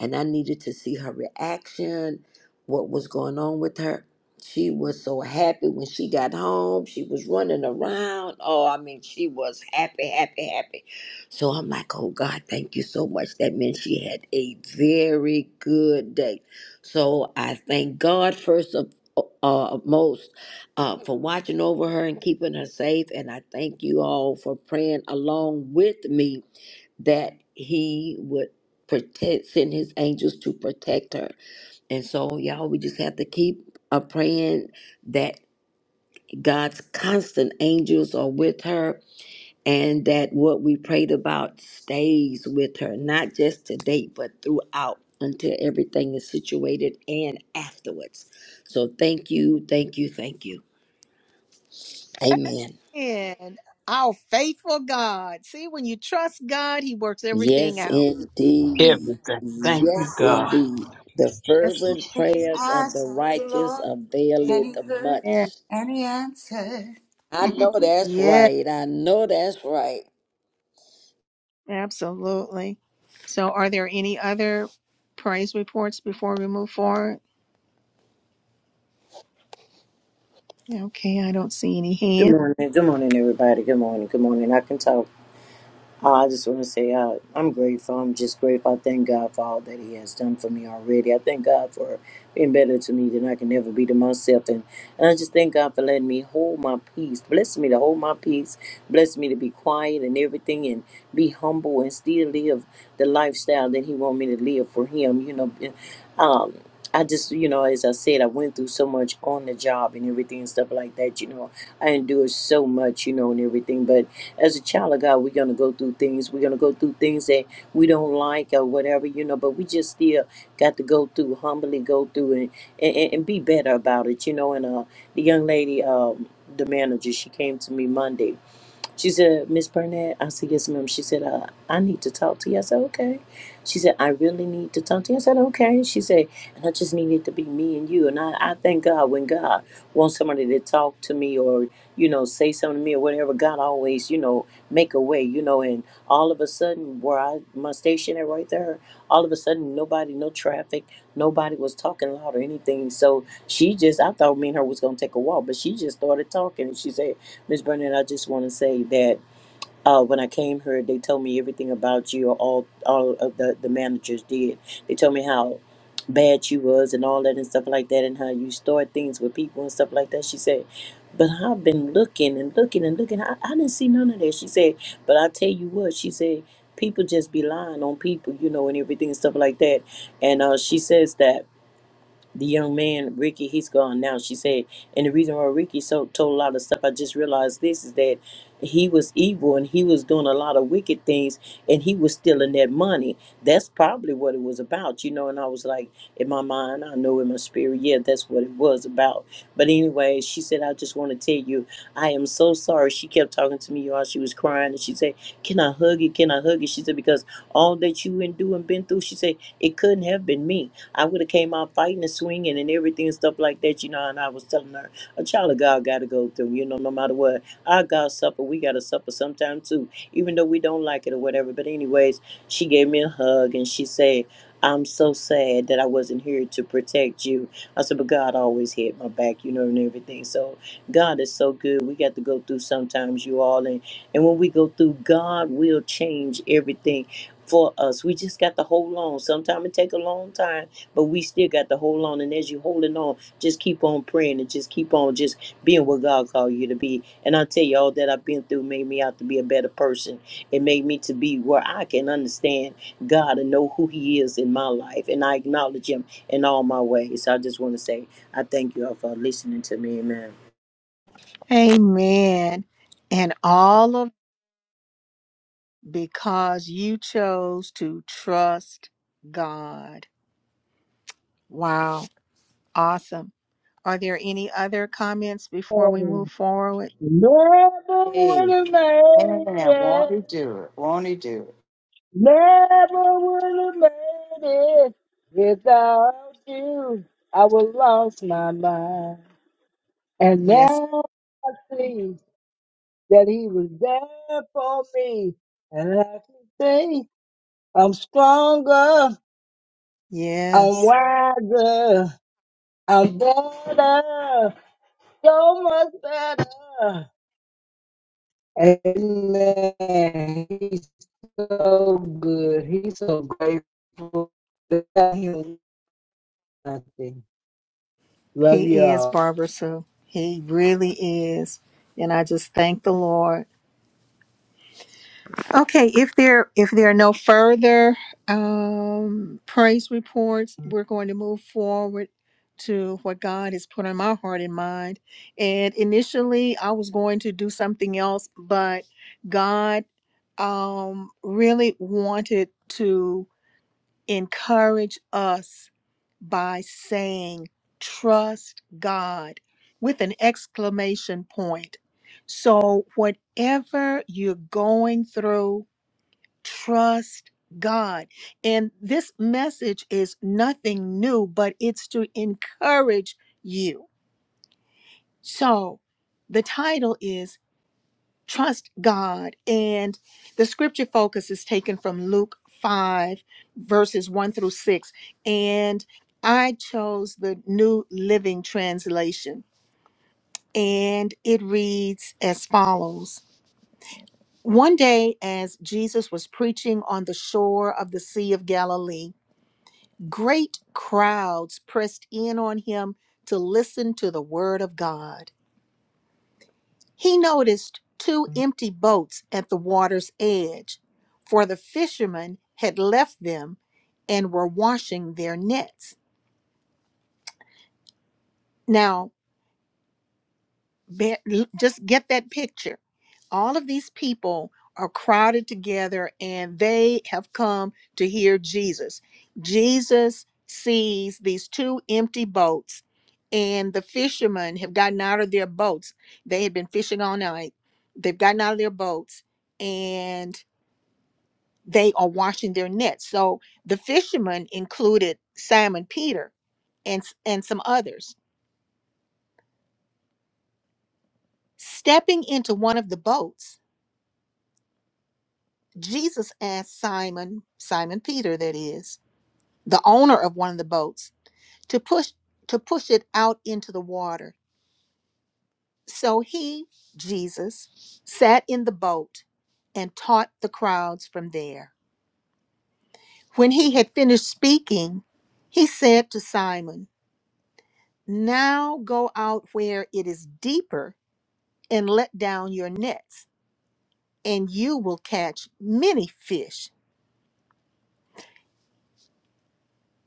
F: and I needed to see her reaction, what was going on with her. She was so happy when she got home. She was running around. Oh, I mean, she was happy, happy, happy. So I'm like, oh God, thank you so much. That meant she had a very good day. So I thank God first of uh, uh, most uh, for watching over her and keeping her safe. And I thank you all for praying along with me that he would protect send his angels to protect her and so y'all we just have to keep uh, praying that god's constant angels are with her and that what we prayed about stays with her not just today but throughout until everything is situated and afterwards so thank you thank you thank you amen
A: And our faithful God. See, when you trust God, He works everything
F: Yes,
A: out.
F: indeed.
H: everything. Thank you,
F: Yes,
H: God.
F: indeed. The
A: Yes,
F: fervent prayers
B: i
F: of the
B: sought the
F: righteous
B: lord and
F: availeth
B: he heard
F: much.
A: Lord.
B: and he answered
F: I know that's
A: Yeah.
F: right. I know that's right.
A: Absolutely. So are there any other praise reports before we move forward? Okay, I don't see any
L: Good
A: hands.
L: morning. Good morning, everybody. Good morning. Good morning. I can talk. Uh, I just want to say uh, I'm grateful. I'm just grateful. I thank God for all that He has done for me already. I thank God for being better to me than I can ever be to myself. And, and I just thank God for letting me hold my peace. Bless me to hold my peace. Bless me to be quiet and everything and be humble and still live the lifestyle that He want me to live for Him. You know, um, I just, you know, as I said, I went through so much on the job and everything and stuff like that. You know, I endured so much, you know, and everything. But as a child of God, we're going to go through things. We're going to go through things that we don't like or whatever, you know, but we just still got to go through, humbly go through and, and, and be better about it, you know. And uh, the young lady, um, the manager, she came to me Monday she said, Miss Burnett, I said, yes, ma'am. She said, uh, I need to talk to you. I said, okay. She said, I really need to talk to you. I said, okay. She said, and I just need it to be me and you. And I, I thank God when God wants somebody to talk to me or, you know, say something to me or whatever, God always, you know, make a way, you know, and all of a sudden where I, my station at right there, all of a sudden nobody, no traffic, nobody was talking loud or anything. So she just, I thought me and her was going to take a walk, but she just started talking. And she said, Ms. Burnett, I just want to say that uh, when I came here, they told me everything about you. All all of the, the managers did. They told me how bad you was and all that and stuff like that, and how you stored things with people and stuff like that. She said, "But I've been looking and looking and looking. I, I didn't see none of that." She said, "But I tell you what," she said, "people just be lying on people, you know, and everything and stuff like that." And uh, she says that the young man Ricky, he's gone now. She said, and the reason why Ricky so told a lot of stuff, I just realized this is that he was evil and he was doing a lot of wicked things, and he was stealing that money. That's probably what it was about, you know. And I was like, in my mind, I know in my spirit, yeah, that's what it was about. But anyway, she said, I just want to tell you, I am so sorry. She kept talking to me, y'all. She was crying, and she said, Can I hug you? Can I hug you? She said, Because all that you and do and been through, she said, it couldn't have been me. I would have came out fighting and swinging and everything and stuff like that, you know. And I was telling her, a child of God got to go through, you know, no matter what. Our God suffer, we got to suffer sometime too, even though we don't like it or whatever. But anyways, she gave me a hug and she said, I'm so sad that I wasn't here to protect you. I said, but God always had my back, you know, and everything. So God is so good. We got to go through sometimes, you all. And, and when we go through, God will change everything for us. We just got to hold on. Sometimes it take a long time, but we still got to hold on. And as you holding on, just keep on praying and just keep on just being what God called you to be. And I tell you, all that I've been through made me out to be a better person. It made me to be where I can understand God and know who He is in my life, and I acknowledge Him in all my ways. So I just want to say I thank you all for listening to me. Amen.
A: Amen. And all of because you chose to trust God. Wow. Awesome. Are there any other comments before we move forward?
K: Never would
J: Hey,
K: have made
J: Amen.
K: it.
J: Won't he do it? Won't he do it?
K: Never would have made it without you. I would have lost my mind. And
A: Yes.
K: now I see that he was there for me. And I can say I'm stronger, I'm
A: Yes.
K: wiser, I'm better, so much better. Amen. He's so good. He's so grateful. Without him, nothing. Love you
A: He is
K: all.
A: Barbara Sue. He really is. And I just thank the Lord Okay, if there if there are no further um, praise reports, we're going to move forward to what God has put on my heart and mind. And initially, I was going to do something else, but God um, really wanted to encourage us by saying, "Trust God," with an exclamation point. So, whatever you're going through Trust God. And this message is nothing new, but it's to encourage you. So the title is Trust God. And the scripture focus is taken from Luke 5, verses 1 through 6. And I chose the New Living Translation. And it reads as follows One day, as Jesus was preaching on the shore of the Sea of Galilee, Great crowds pressed in on him to listen to the word of God. He noticed two empty boats at the water's edge, for the fishermen had left them and were washing their nets. Now, Bear, l- just get that picture. All of these people are crowded together and they have come to hear Jesus. Jesus sees these two empty boats, and the fishermen have gotten out of their boats. They had been fishing all night, they've gotten out of their boats, and they are washing their nets. So the fishermen included Simon Peter and, s- and some others. Stepping into one of the boats Jesus asked Simon, Simon Peter that is, the owner of one of the boats, to push to push it out into the water. So he, Jesus, sat in the boat and taught the crowds from there. When he had finished speaking, he said to Simon, "Now go out where it is deeper and let down your nets, and you will catch many fish."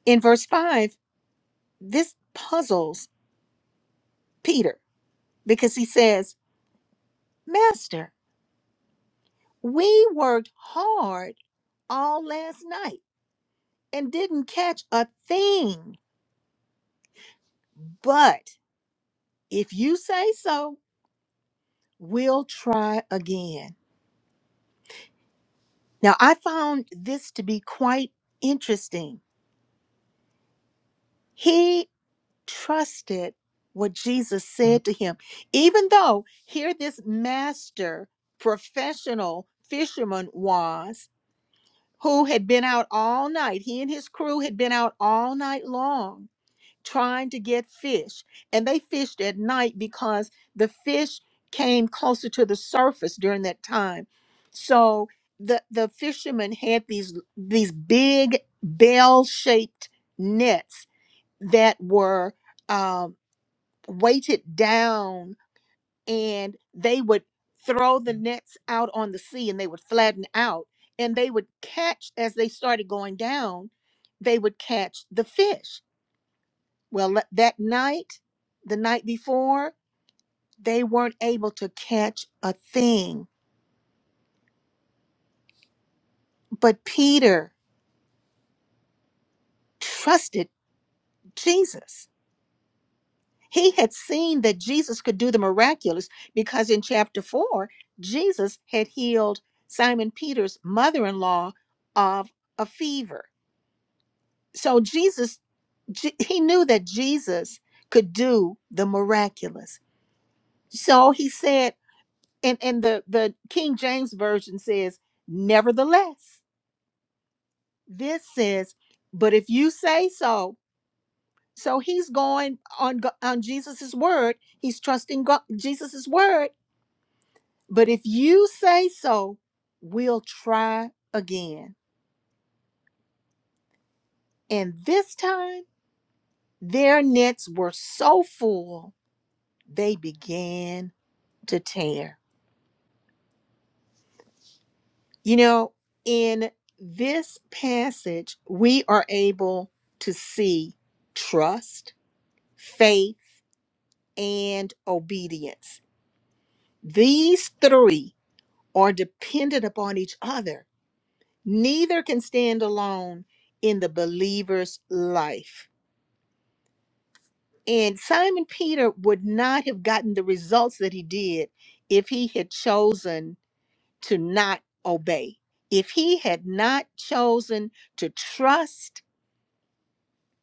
A: In verse 5, this puzzles Peter because he says, Master, we worked hard all last night and didn't catch a thing. But if you say so, we'll try again. Now, I found this to be quite interesting. He trusted what Jesus said to him, even though here this master professional fisherman was. who had been out all night. He and his crew had been out all night long trying to get fish. And they fished at night because the fish came closer to the surface during that time. So the the fishermen had these these big bell-shaped nets that were um, weighted down and they would throw the nets out on the sea and they would flatten out and they would catch as they started going down they would catch the fish well le- that night the night before they weren't able to catch a thing but peter trusted jesus he had seen that jesus could do the miraculous because in chapter 4 jesus had healed simon peter's mother-in-law of a fever so Jesus, Je- he knew that Jesus could do the miraculous. So he said, and, and the, the King James Version says, nevertheless, this says, but if you say so, so he's going on, Go- on Jesus's word. He's trusting God, Jesus's word. But if you say so, we'll try again. And this time, their nets were so full, they began to tear. You know, in this passage, we are able to see trust, faith, and obedience. These three are dependent upon each other. Neither can stand alone in the believer's life. And Simon Peter would not have gotten the results that he did if he had chosen to not obey. If he had not chosen to trust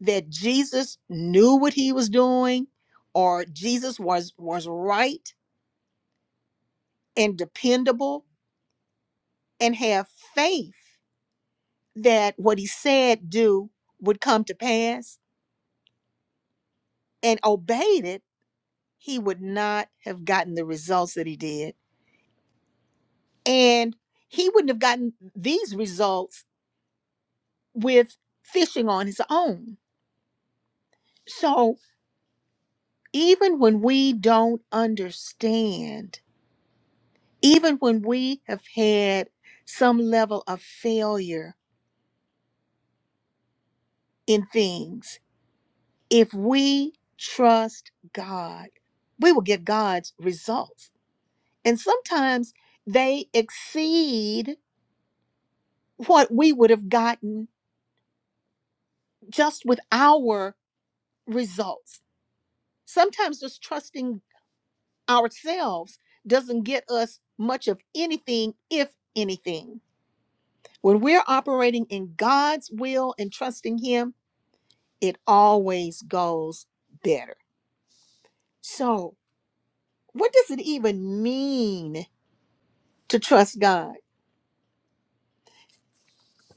A: that Jesus knew what he was doing or Jesus was was right and dependable and have faith that what he said do would come to pass and obeyed it, he would not have gotten the results that he did. And he wouldn't have gotten these results with fishing on his own. So even when we don't understand, even when we have had some level of failure in things, if we trust God, we will get God's results. And sometimes they exceed what we would have gotten just with our results. Sometimes just trusting ourselves doesn't get us much of anything, if anything. When we're operating in God's will and trusting Him, it always goes better. So, what does it even mean to trust God?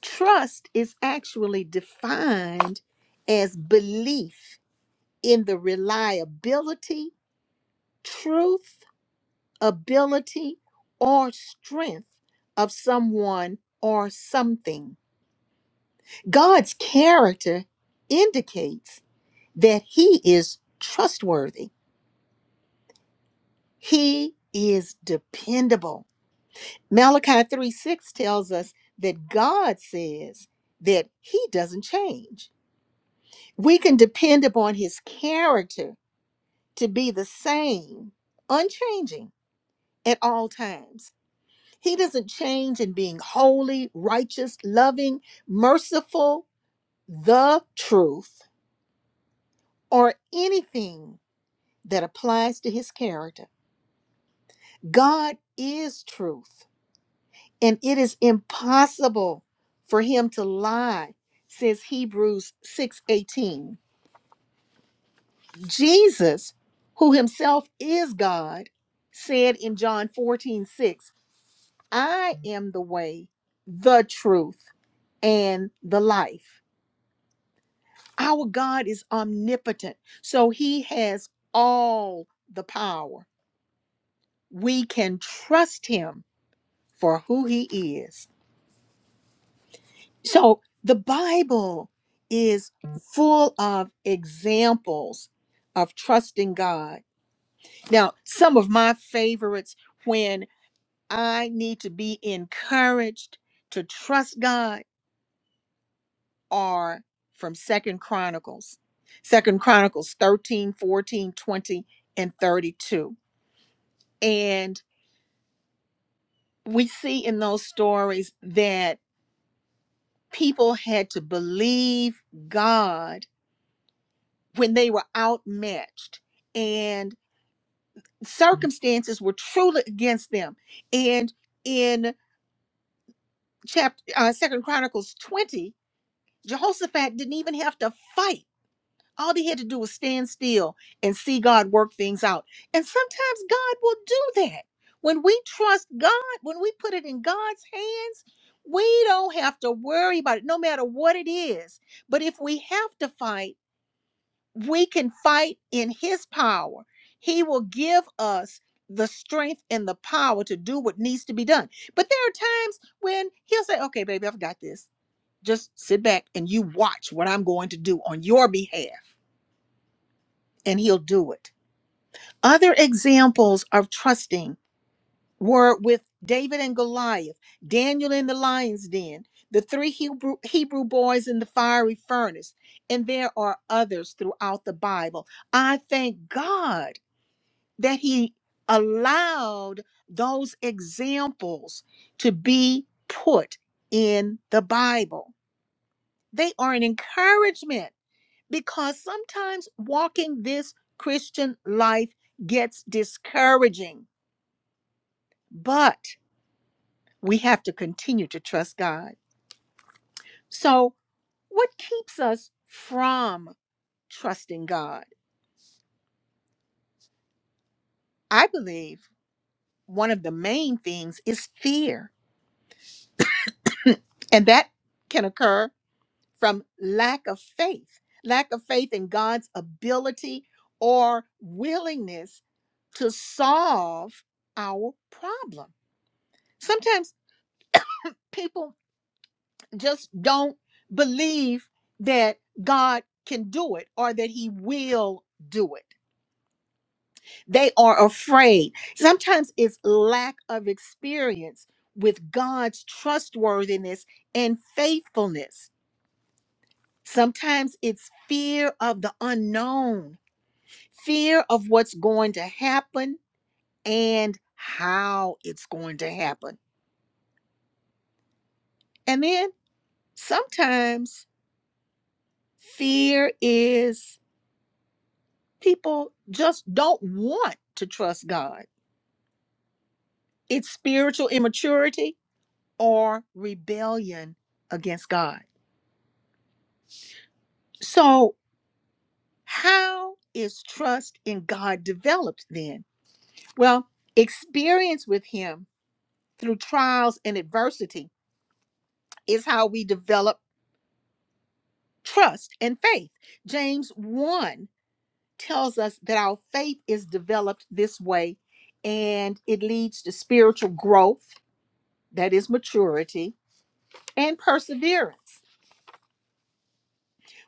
A: Trust is actually defined as belief in the reliability, truth, ability, or strength of someone or something. God's character indicates that He is trustworthy He is dependable. Malachi 3 6 tells us that God says that he doesn't change. We can depend upon his character to be the same, unchanging at all times. He doesn't change in being holy, righteous, loving, merciful, the truth, or anything that applies to his character. God is truth. and it is impossible for him to lie says hebrews 6:18 jesus who himself is god said in john 14:6 i am the way the truth and the life our god is omnipotent so he has all the power we can trust him for who he is So the Bible is full of examples of trusting God. Now, some of my favorites when I need to be encouraged to trust God are from 2nd Chronicles. 2nd Chronicles 13, 14, 20, and 32. And we see in those stories that people had to believe God when they were outmatched and circumstances were truly against them and in chapter uh, second chronicles 20 jehoshaphat didn't even have to fight all he had to do was stand still and see god work things out and sometimes god will do that when we trust god when we put it in god's hands we don't have to worry about it no matter what it is but if we have to fight we can fight in his power. He will give us the strength and the power to do what needs to be done. But there are times when he'll say, okay, baby, I've got this. Just sit back and you watch what I'm going to do on your behalf. And he'll do it. Other examples of trusting were with David and Goliath, Daniel in the lion's den, the three Hebrew, Hebrew boys in the fiery furnace, and there are others throughout the Bible. I thank God that he allowed those examples to be put in the Bible. They are an encouragement because sometimes walking this Christian life gets discouraging, but we have to continue to trust God. So, what keeps us from trusting God? I believe one of the main things is fear, and that can occur from lack of faith, lack of faith in God's ability or willingness to solve our problem. Sometimes people just don't believe that God can do it or that He will do it. They are afraid. Sometimes it's lack of experience with God's trustworthiness and faithfulness. Sometimes it's fear of the unknown fear of what's going to happen and how it's going to happen. And then sometimes fear is people just don't want to trust God. It's spiritual immaturity or rebellion against God. So, how is trust in God developed then? Well, experience with Him through trials and adversity is how we develop trust and faith. James 1 tells us that our faith is developed this way and it leads to spiritual growth, that is maturity, and perseverance.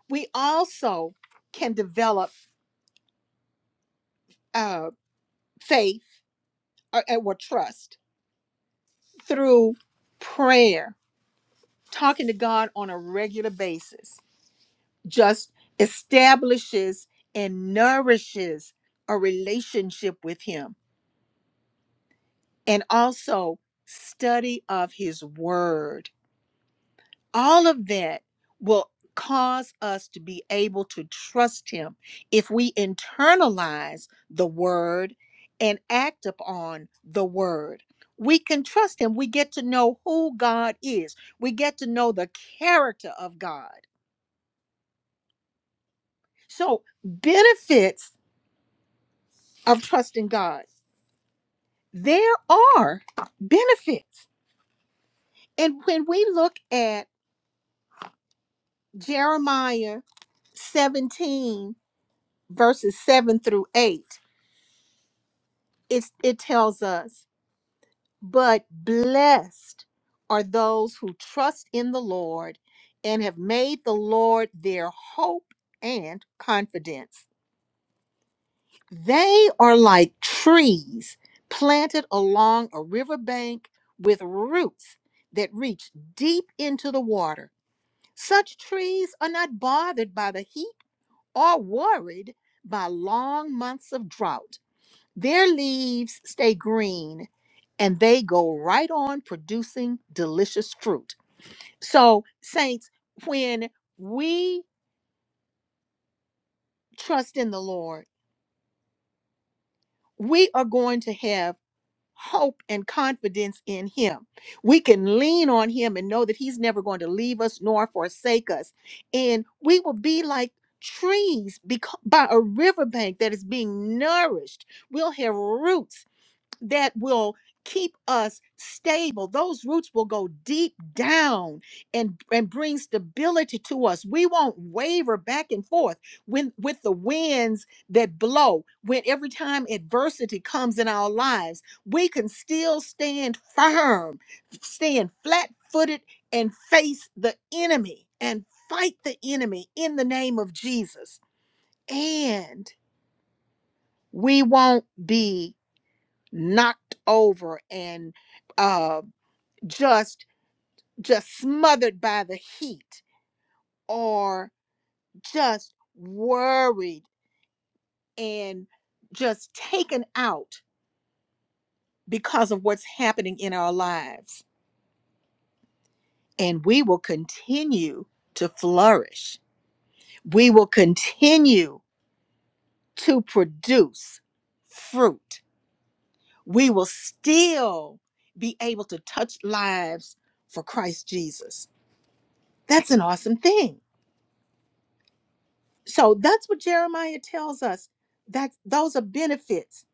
A: We also can develop uh, faith or, or trust through prayer, talking to God on a regular basis, just establishes and nourishes a relationship with Him and also study of his word. All of that will cause us to be able to trust him if we internalize the word and act upon the word. We can trust him. We get to know who God is, we get to know the character of God. So, benefits of trusting God. There are benefits. And when we look at Jeremiah 17 verses 7 through 8 it's, it tells us but blessed are those who trust in the lord and have made the lord their hope and confidence they are like trees planted along a riverbank with roots that reach deep into the water such trees are not bothered by the heat or worried by long months of drought Their leaves stay green and they go right on producing delicious fruit. So, saints, when we trust in the Lord, we are going to have hope and confidence in Him. We can lean on Him and know that He's never going to leave us nor forsake us. And we will be like trees beca- by a riverbank that is being nourished. We'll have roots that will keep us stable those roots will go deep down and and bring stability to us we won't waver back and forth when with the winds that blow when every time adversity comes in our lives we can still stand firm stand flat-footed and face the enemy and fight the enemy in the name of Jesus and we won't be knocked over and uh, just just smothered by the heat or just worried and just taken out because of what's happening in our lives and we will continue to flourish we will continue to produce fruit we will still be able to touch lives for Christ Jesus that's an awesome thing So that's what Jeremiah tells us. That those are benefits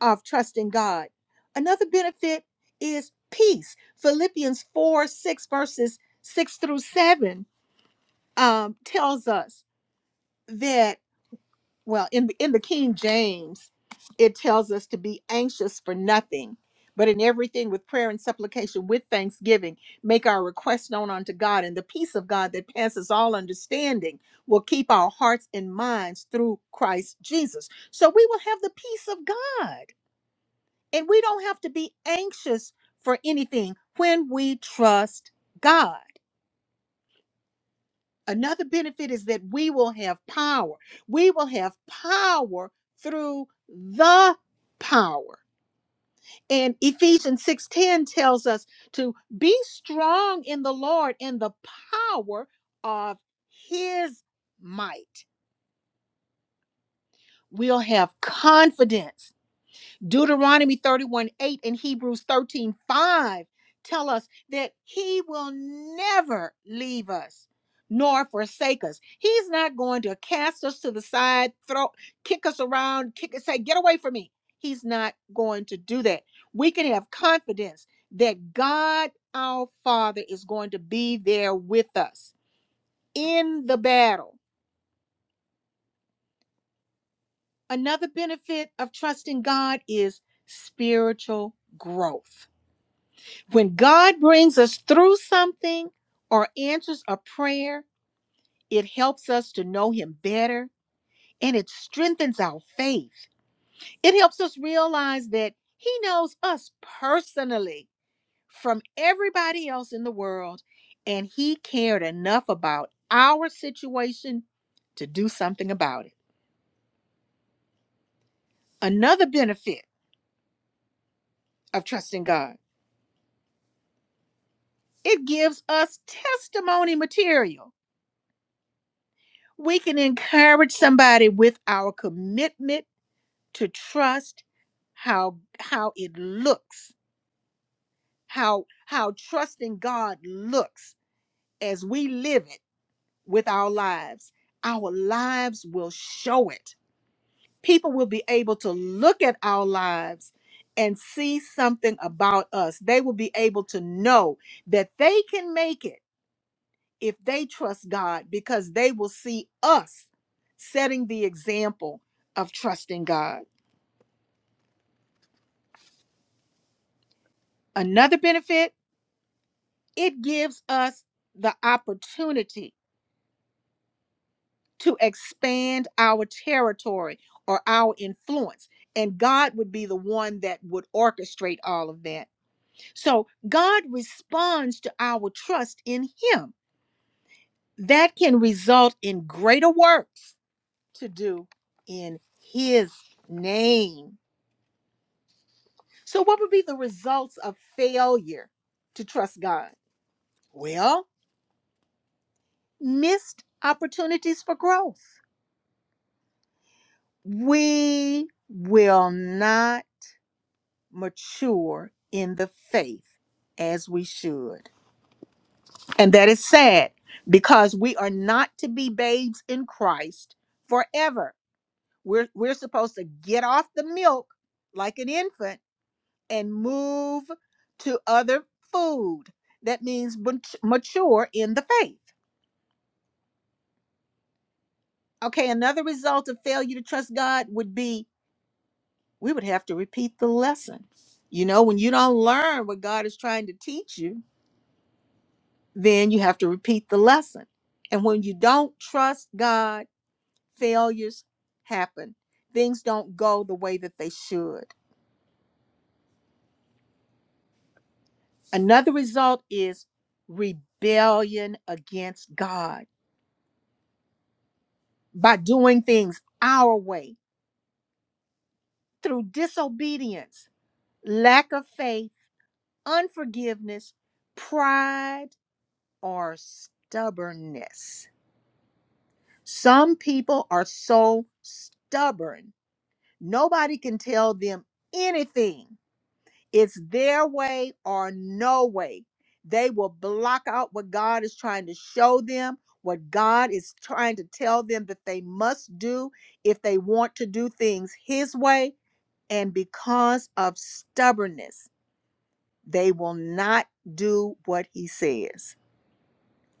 A: of trusting God. Another benefit is peace. Philippians 4, 6 verses 6 through 7 um, tells us that. well in the- in the King James it tells us to be anxious for nothing but in everything with prayer and supplication with thanksgiving make our requests known unto God and the peace of God that passes all understanding will keep our hearts and minds through Christ Jesus so we will have the peace of God and we don't have to be anxious for anything when we trust God Another benefit is that we will have power. We will have power through the power. And Ephesians 6:10 tells us to be strong in the Lord and the power of his might. We'll have confidence Deuteronomy 31 8 and Hebrews 13 5 tell us that He will never leave us nor forsake us. He's not going to cast us to the side, throw, kick us around, kick us, say, get away from me. He's not going to do that. We can have confidence that God our Father is going to be there with us in the battle. Another benefit of trusting God is spiritual growth When God brings us through something or answers a prayer, it helps us to know Him better and it strengthens our faith. It helps us realize that He knows us personally from everybody else in the world and He cared enough about our situation to do something about it. Another benefit of trusting God, it gives us testimony material. We can encourage somebody with our commitment to trust how how it looks how how trusting god looks as we live it with our lives our lives will show it people will be able to look at our lives and see something about us they will be able to know that they can make it if they trust god because they will see us setting the example of trusting god another benefit it gives us the opportunity to expand our territory or our influence. And God would be the one that would orchestrate all of that. So God responds to our trust in Him. That can result in greater works to do in His name. So, what would be the results of failure to trust God? Well, missed opportunities for growth we will not mature in the faith as we should. And that is sad because we are not to be babes in Christ forever. We're, we're supposed to get off the milk like an infant and move to other food. That means mat- mature in the faith. Okay, another result of failure to trust God would be we would have to repeat the lesson. You know, when you don't learn what God is trying to teach you, then you have to repeat the lesson. And when you don't trust God, failures happen. Things don't go the way that they should. Another result is rebellion against God by doing things our way through disobedience, lack of faith, unforgiveness, pride, or stubbornness Some people are so stubborn. Nobody can tell them anything. It's their way or no way. They will block out what God is trying to show them, what God is trying to tell them that they must do if they want to do things His way. And because of stubbornness, they will not do what He says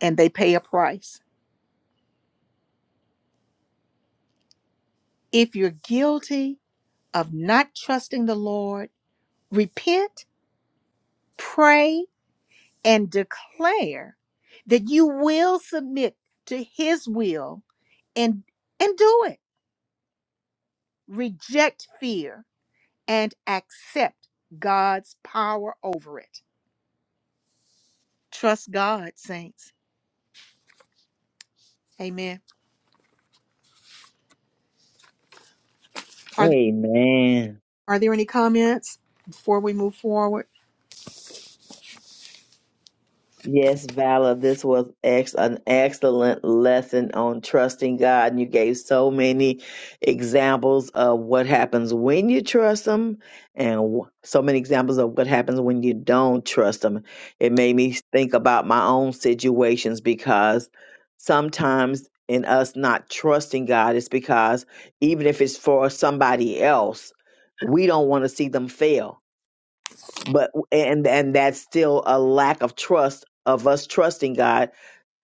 A: and they pay a price. If you're guilty of not trusting the Lord, repent, pray, and declare that you will submit to his will and and do it. Reject fear and accept God's power over it. Trust God, saints. Amen. Are there,
E: Amen.
A: are there any comments before we move forward?
E: Yes, Vala, this was ex- an excellent lesson on trusting God. And you gave so many examples of what happens when you trust Him and w- so many examples of what happens when you don't trust Him. It made me think about my own situations because sometimes in us not trusting God, it's because even if it's for somebody else, we don't want to see them fail but and and that's still a lack of trust of us trusting God,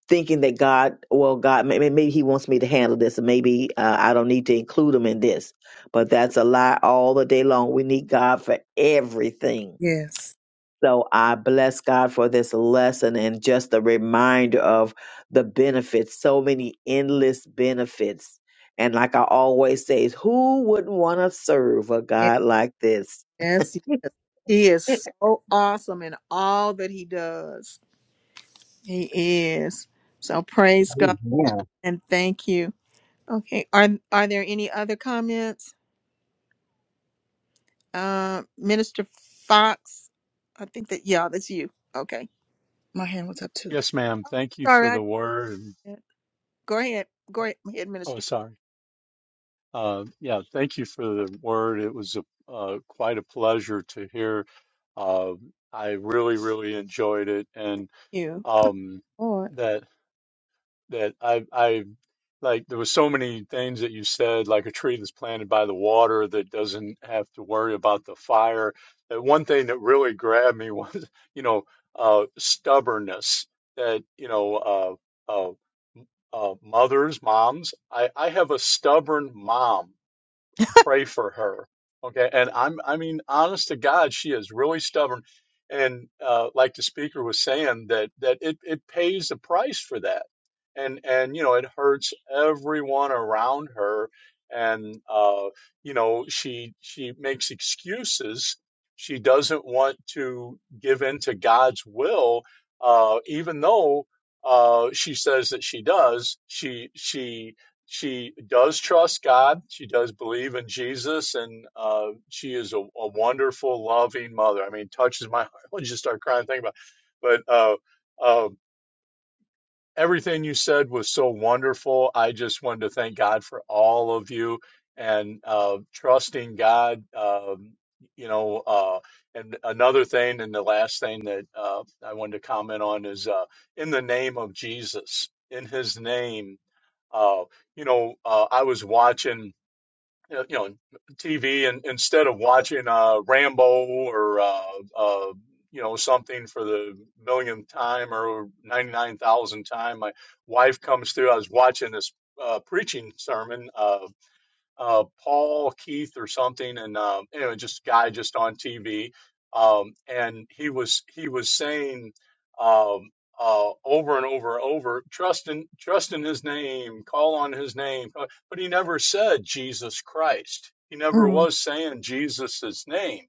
E: thinking that God, well, God, maybe, maybe He wants me to handle this, and maybe uh, I don't need to include Him in this. But that's a lie all the day long. We need God for everything.
A: Yes.
E: So I bless God for this lesson and just a reminder of the benefits, so many endless benefits. And like I always say, who wouldn't want to serve a
A: Yes.
E: God like this?
A: yes. He is so awesome in all that he does. He is. So praise God
H: Amen.
A: and thank you. Okay. Are are there any other comments? Uh, Minister Fox, I think that yeah, that's you. Okay.
B: my hand was up too
I: Yes, ma'am. Thank you
A: Sorry,
I: for
A: I
I: the word.
A: go ahead. Go ahead,
I: Oh,
A: Minister.
I: sorry. Uh, yeah, thank you for the word. It was a, uh, quite a pleasure to hear. Uh, I really, really enjoyed it. And
A: You.
I: um,
A: Lord.
I: that. that I I like there were so many things that you said, like a tree that's planted by the water that doesn't have to worry about the fire. That one thing that really grabbed me was, you know, uh, stubbornness. That you know, uh, uh, uh, mothers, moms. I I have a stubborn mom pray for her. Okay. And I'm, I mean, honest to God, she is really stubborn. And uh, like the speaker was saying, that, that it, it pays the price for that. And, and, you know, it hurts everyone around her. And, uh, you know, she, she makes excuses. She doesn't want to give in to God's will, uh, even though, uh, she says that she does. She, she, she does trust God. She does believe in Jesus, and uh, she is a, a wonderful, loving mother. I mean, touches my heart. I just start crying thinking about. It. But uh, uh, everything you said was so wonderful. I just wanted to thank God for all of you and uh, trusting God. Um, you know, uh, and another thing, and the last thing that uh, I wanted to comment on is uh, in the name of Jesus, in His name uh, you know, uh, I was watching, uh, you know, TV, and instead of watching uh, Rambo or uh, uh, you know something for the millionth time or ninety-nine thousandth time, my wife comes through. I was watching this uh, preaching sermon. Uh, uh, Paul Keith or something, and uh, anyway, just guy just on TV, um, and he was he was saying um, uh, over and over and over, trust in trust in His name, call on His name, but he never said Jesus Christ. He never
A: Mm.
I: was saying Jesus' name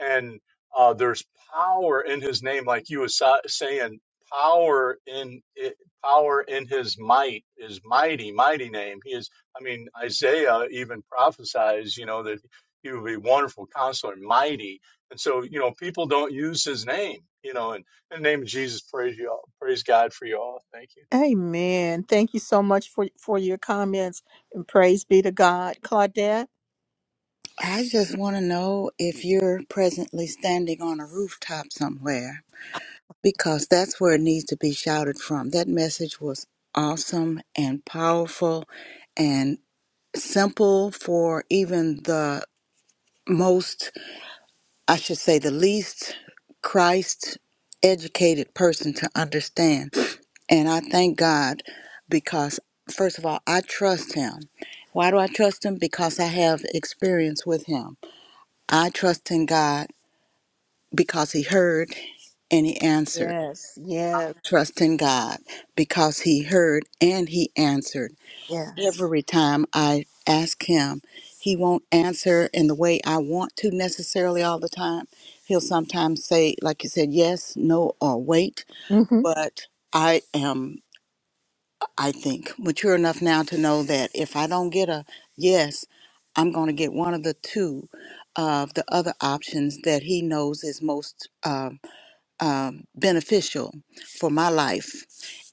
I: and uh, there's power in his name, like you was sa- saying, power in it, power in his might is mighty, mighty name. He is. I mean, Isaiah even prophesies, you know, that he would be wonderful counselor, mighty. And so, you know, people don't use his name, you know. And in the name of Jesus, praise you all, praise God for you all. Thank you.
A: Amen. Thank you so much for for your comments and praise be to God. Claudette.
B: i just want to know if you're presently standing on a rooftop somewhere because that's where it needs to be shouted from. That message was awesome and powerful and simple for even the most, I should say, the least Christ educated person to understand. And I thank God because, first of all, I trust Him. Why do I trust Him? Because I have experience with Him. I trust in God because He heard and He answered.
A: Yes. Yes.
B: trust in God because He heard and He answered.
A: Yes.
B: Every time I ask Him, He won't answer in the way I want to necessarily all the time. He'll sometimes say, like you said, yes, no, or wait.
A: hmm
B: But I am, I think, mature enough now to know that if I don't get a yes, I'm going to get one of the two of the other options that He knows is most. Um, um, beneficial for my life.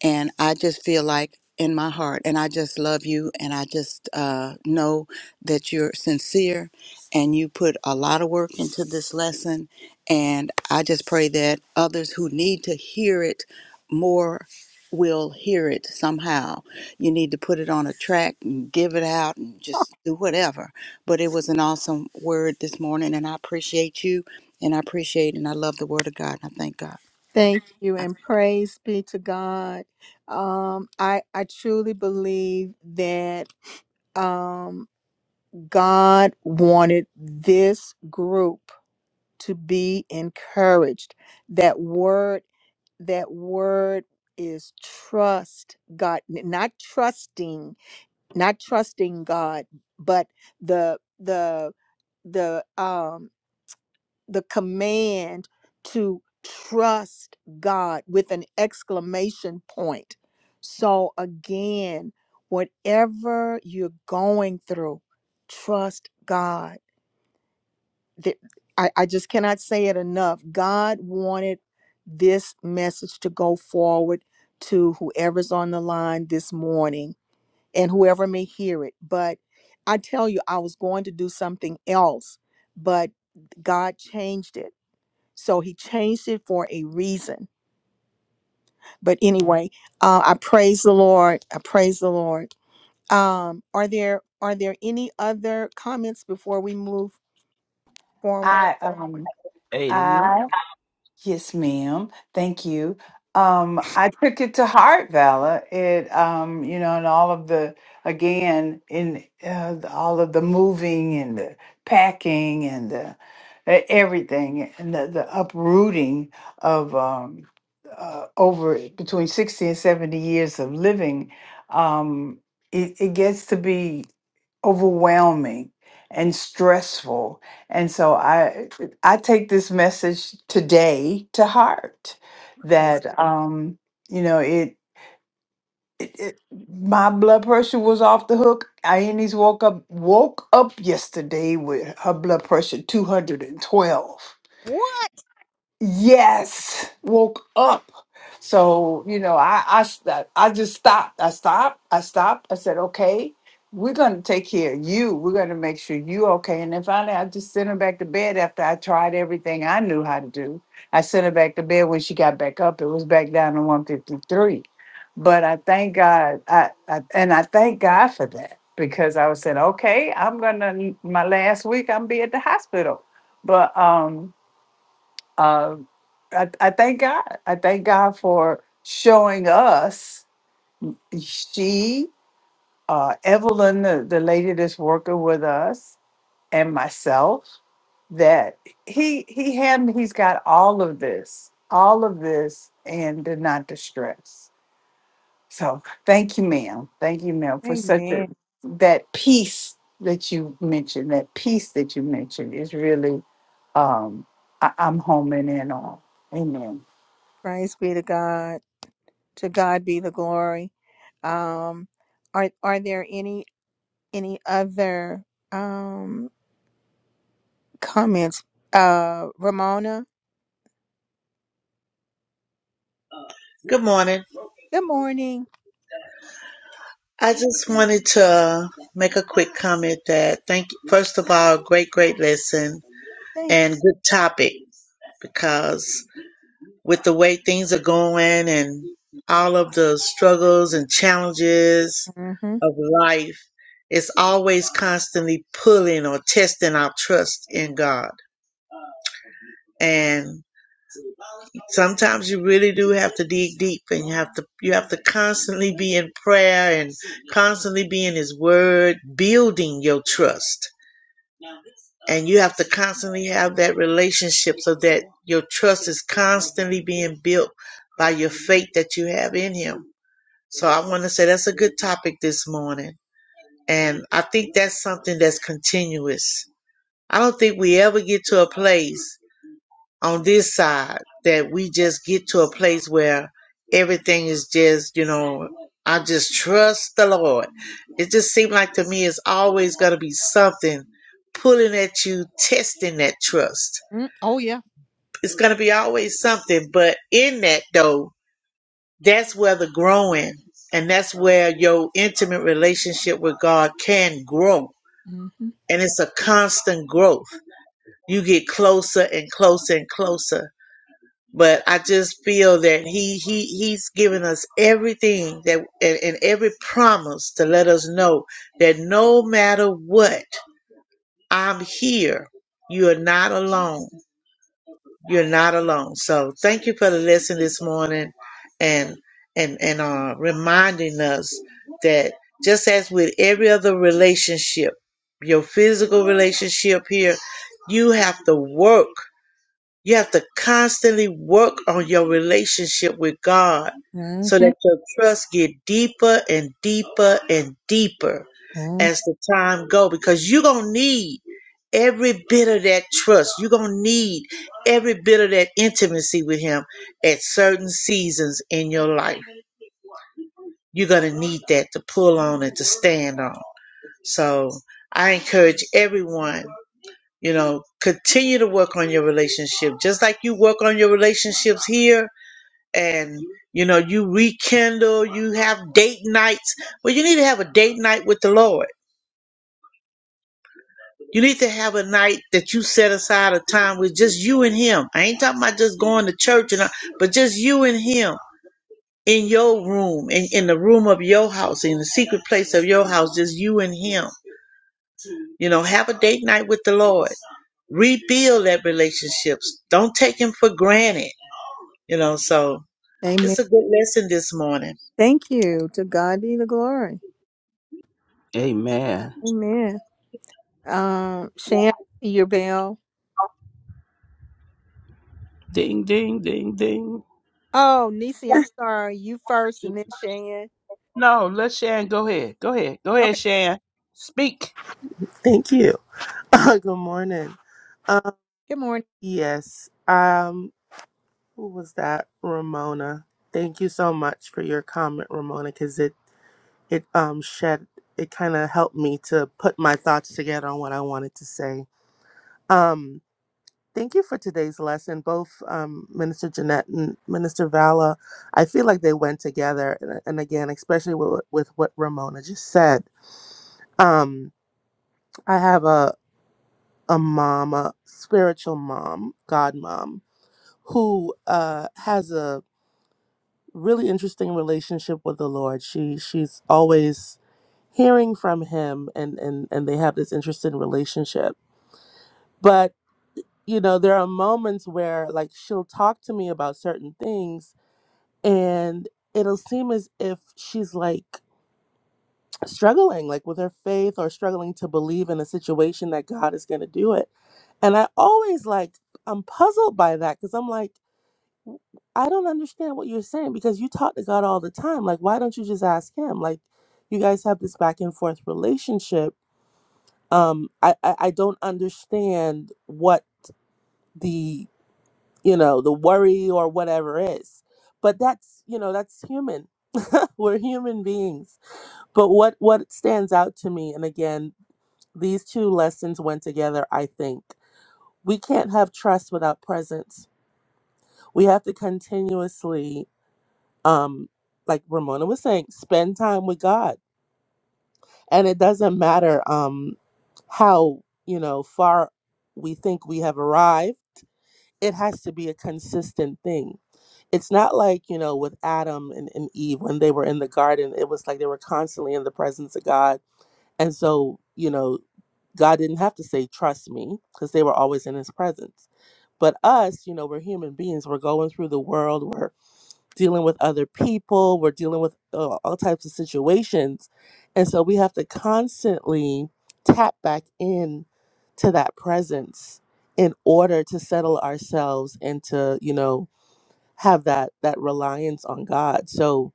B: And I just feel like in my heart, and I just love you, and I just uh, know that you're sincere and you put a lot of work into this lesson. And I just pray that others who need to hear it more will hear it somehow. You need to put it on a track and give it out and just do whatever. But it was an awesome word this morning, and I appreciate you and I appreciate and I love the Word of God. And I thank God.
A: Thank you
B: I
A: and praise be to God. Um, I I truly believe that um, God wanted this group to be encouraged. That word that word is trust god n- not trusting not trusting god but the the the um the command to trust God with an exclamation point. So, again, whatever you're going through, trust God. Th- I, I just cannot say it enough. God wanted this message to go forward to whoever's on the line this morning and whoever may hear it. But I tell you, I was going to do something else, but God changed it so he changed it for a reason. But anyway, uh, I praise the Lord. I praise the Lord. Um, are there are there any other comments before we move forward?
J: I um
H: Hey, the root.
J: I yes, ma'am. Thank you. Um I took it to heart, Vala. It um, you know, and all of the again in uh, all of the moving and the packing and the e- everything and the, the uprooting of um uh, over between 60 and 70 years of living um it, it gets to be overwhelming and stressful. And so I I take this message today to heart
A: Praise-
J: that um you know it, it, it my blood pressure was off the hook. Ione's woke up woke up yesterday with her blood pressure 212
A: What?
J: Yes, woke up. So you know, I I st- I just stopped. I stopped. I stopped. I said, okay, we're gonna take care of you. We're gonna make sure you okay. And then finally, I just sent her back to bed after I tried everything I knew how to do. I sent her back to bed when she got back up. It was back down to one fifty three. But I thank God. I, I and I thank God for that because I was saying, okay, I'm gonna my last week. I'm be at the hospital, but um. Uh, I, I thank God. I thank God for showing us. She, uh, Evelyn, the, the lady that's working with us, and myself, that he he had he's got all of this, all of this, and did not distress. So thank you, ma'am. Thank you, ma'am, for such a
A: Amen.
J: that peace that you mentioned. That peace that you mentioned is really um, I, I'm homing in on. Amen.
A: Praise be to God. To God be the glory. Um, are are there any any other um comments? Uh, Ramona.
M: Good morning.
A: Good morning.
M: I just wanted to make a quick comment that thank you. First of all, great, great lesson
A: Thank
M: and good topic because with the way things are going and all of the struggles and challenges
A: you.
M: of life, it's always constantly pulling or testing our trust in God. and. sometimes you really do have to dig deep and you have to you have to constantly be in prayer and constantly be in his word building your trust and you have to constantly have that relationship so that your trust is constantly being built by your faith that you have in him so i want to say that's a good topic this morning and i think that's something that's continuous i don't think we ever get to a place on this side that we just get to a place where everything is just, you know, I just trust the Lord. It just seemed like to me it's always going to be something pulling at you, testing that trust.
A: hmm Oh yeah.
M: It's going to be always something, but in that though, that's where the growing and that's where your intimate relationship with God can grow.
A: hmm
M: And it's a constant growth. You get closer and closer and closer but I just feel that he he he's given us everything that and, and every promise to let us know that no matter what, I'm here. You are not alone. You're not alone. So thank you for the lesson this morning, and and and uh, reminding us that just as with every other relationship, your physical relationship here, you have to work. You have to constantly work on your relationship with God so that your trust get deeper and deeper and deeper
A: hmm
M: as the time go because you're going to need every bit of that trust. You're going to need every bit of that intimacy with him at certain seasons in your life. You're going to need that to pull on and to stand on. So I encourage everyone. You know, continue to work on your relationship, just like you work on your relationships here, and you know, you rekindle, you have date nights. Well, you need to have a date night with the Lord. You need to have a night that you set aside a time with just you and Him. I ain't talking about just going to church, and all, but just you and Him in your room, in, in the room of your house, in the secret place of your house, just you and Him. You know, have a date night with the Lord rebuild that relationships. Don't take him for granted. You know, so it's a good lesson this morning.
A: Thank you. To God be the glory.
H: Amen.
A: Amen. Um, Shan, your bell.
H: Ding, ding, ding, ding.
A: Oh, Nisi, I'm sorry. You first, and then Shan.
H: No, let Shan go ahead. Go ahead. Go
A: Okay.
H: ahead, Shan. Speak.
N: Thank you. Good morning. Um,
A: Good morning.
N: yes. Um, who was that? Ramona. Thank you so much for your comment, Ramona, because it it um shed it kind of helped me to put my thoughts together on what I wanted to say. Um, thank you for today's lesson, both um, Minister Jeanette and Minister Vala. I feel like they went together, and, and again, especially with, with what Ramona just said. Um, I have a a mom, a spiritual mom, God mom, who uh, has a really interesting relationship with the Lord. She she's always hearing from Him, and and and they have this interesting relationship. But you know, there are moments where like she'll talk to me about certain things, and it'll seem as if she's like struggling like with her faith or struggling to believe in a situation that God is going to do it. And I always like I'm puzzled by that cuz I'm like I don't understand what you're saying because you talk to God all the time. Like, why don't you just ask Him? Like, you guys have this back and forth relationship. Um, I, I, I don't understand what the you know the worry or whatever is, but that's you know that's human. We're human beings. But what what stands out to me, and again, these two lessons went together. I think we can't have trust without presence. We have to continuously um like Ramona was saying, spend time with God. And it doesn't matter um how, you know, far we think we have arrived. It has to be a consistent thing. It's not like, you know, with Adam and, and Eve when they were in the garden, it was like they were constantly in the presence of God. And so, you know, God didn't have to say, trust me, because they were always in his presence. But us, you know, we're human beings. We're going through the world. We're dealing with other people, we're dealing with uh, all types of situations. And so we have to constantly tap back in to that presence in order to settle ourselves and to, you know, have that that reliance on God. So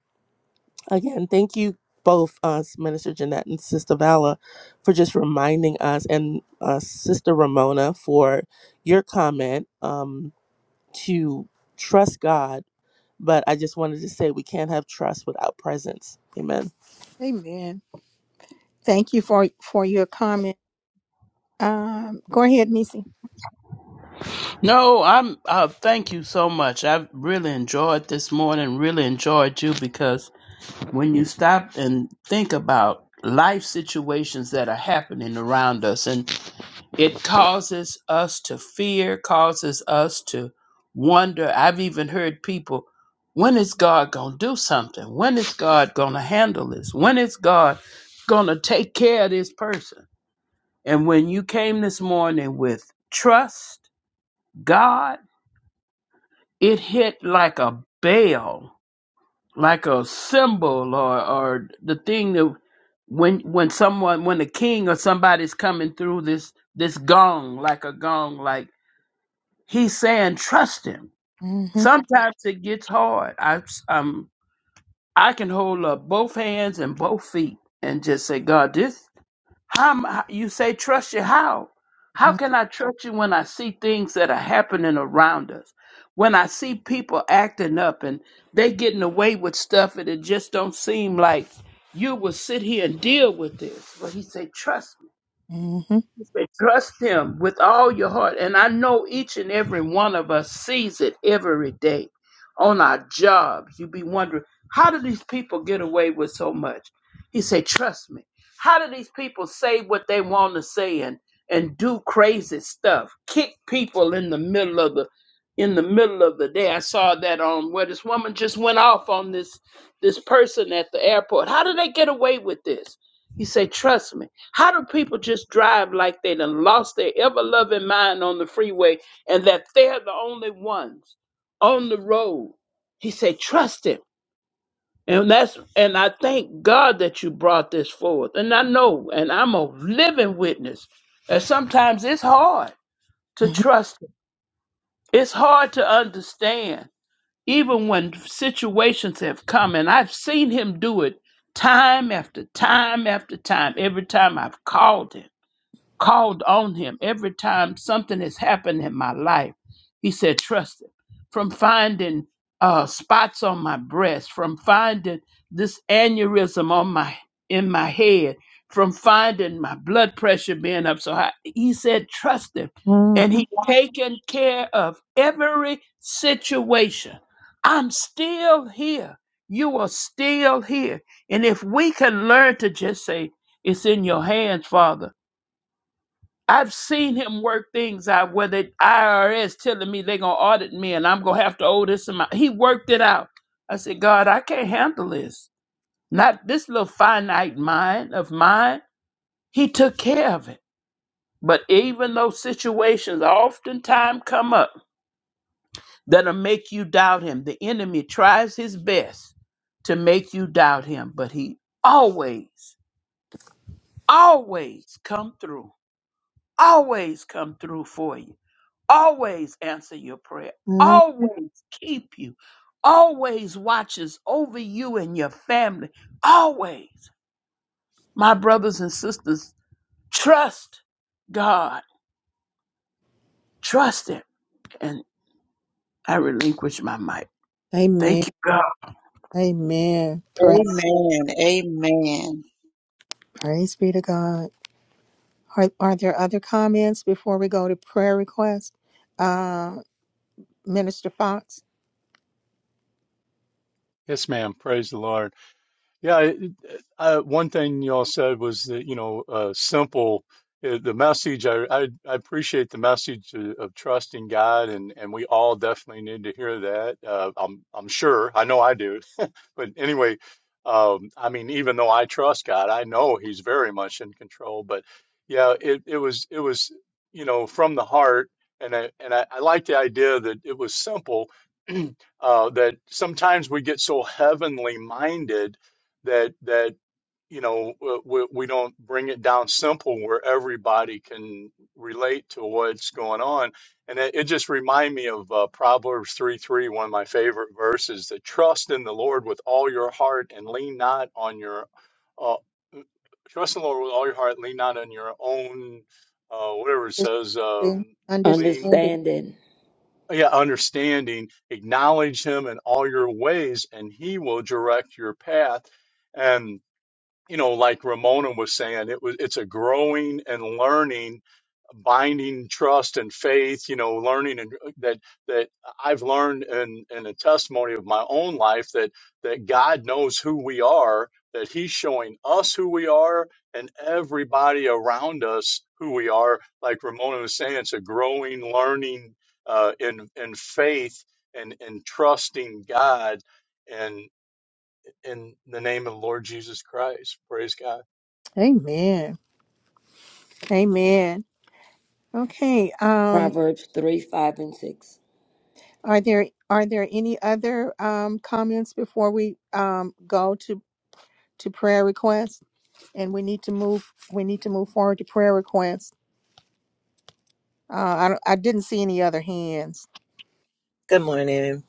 N: again, thank you both us, Minister Jeanette and Sister Vala, for just reminding us and uh, Sister Ramona for your comment um, to trust God but I just wanted to say we can't have trust without presence. Amen.
A: Amen. Thank you for for your comment. Um, go ahead, Nisi.
H: No, I'm. Uh, thank you so much. I really enjoyed this morning. Really enjoyed you because when you stop and think about life situations that are happening around us, and it causes us to fear, causes us to wonder. I've even heard people, when is God going to do something? When is God going to handle this? When is God going to take care of this person? And when you came this morning with trust, God, it hit like a bell, like a symbol or, or the thing that when when someone when a king or somebody's coming through this this gong like a gong like He's saying trust him. Sometimes it gets hard. I um I can hold up both hands and both feet and just say, God, this how am I- you say trust you how? How can I trust you when I see things that are happening around us? When I see people acting up and they getting away with stuff and it just don't seem like you will sit here and deal with this. But he said, trust me.
A: hmm
H: He said, Trust him with all your heart. And I know each and every one of us sees it every day on our jobs. You be wondering, how do these people get away with so much? He said, Trust me. How do these people say what they want to say and, and do crazy stuff? Kick people in the middle of the in the middle of the day. I saw that on where this woman just went off on this this person at the airport. How do they get away with this? He said, Trust me. How do people just drive like they done lost their ever loving mind on the freeway and that they're the only ones on the road? He said, trust him. And that's and I thank God that you brought this forth. And I know, and I'm a living witness that sometimes it's hard to
A: Mhm.
H: trust him. It's hard to understand, even when situations have come, and I've seen him do it time after time after time, every time I've called him called on him every time something has happened in my life. He said, Trust him. From finding uh, spots on my breast, from finding this aneurysm on my in my head, from finding my blood pressure being up so high. He said, Trust him. And he taken care of every situation. I'm still here. You are still here. And if we can learn to just say, It's in your hands, Father I've seen him work things out where the IRS telling me they're gonna audit me and I'm gonna have to owe this amount. He worked it out. I said, God, I can't handle this. Not this little finite mind of mine. He took care of it. But even those situations oftentimes come up that'll make you doubt him. The enemy tries his best to make you doubt him, but he always, always come through. Always come through for you. always answer your prayer, always keep you, always watches over you and your family. Always. My brothers and sisters, trust God. Trust Him. And I relinquish my mic.
A: Amen.
H: Thank you, God.
A: Amen. Pray,
M: Amen. Amen.
A: praise be to God. Are, are there other comments before we go to prayer request? Uh, Minister Fox?
I: Yes, ma'am. Praise the Lord. Yeah, it, it- uh one thing y'all said was that, you know, uh, simple, uh, the message, I, I, I appreciate the message of, of trusting God, and, and we all definitely need to hear that. Uh, I'm, I'm sure, I know I do. But anyway, um, I mean, even though I trust God, I know He's very much in control. But yeah, it, it was, it was, you know, from the heart. And I, and I, I like the idea that it was simple, uh, that sometimes we get so heavenly minded that that you know uh, we, we don't bring it down simple where everybody can relate to what's going on and it, it just remind me of uh, proverbs three three one of my favorite verses that trust in the lord with all your heart and lean not on your uh, trust in the lord with all your heart lean not on your own uh, whatever it says um
A: Understanding.
I: lean
A: Understanding.
F: Understanding
I: yeah understanding acknowledge him in all your ways and he will direct your path and you know, like Ramona was saying, it was it's a growing and learning, binding trust and faith. You know, learning and uh, that that I've learned in in a testimony of my own life that that God knows who we are, that He's showing us who we are, and everybody around us who we are. Like Ramona was saying, it's a growing, learning uh, in in faith and and trusting God and in the name of the Lord Jesus Christ. Praise God.
A: Amen. Amen. Okay. Um,
F: Proverbs 3, 5, and 6.
A: Are there are there any other um, comments before we um, go to to prayer requests? And we need to move we need to move forward to prayer requests. Uh, I don't- I didn't see any other hands.
O: Good morning,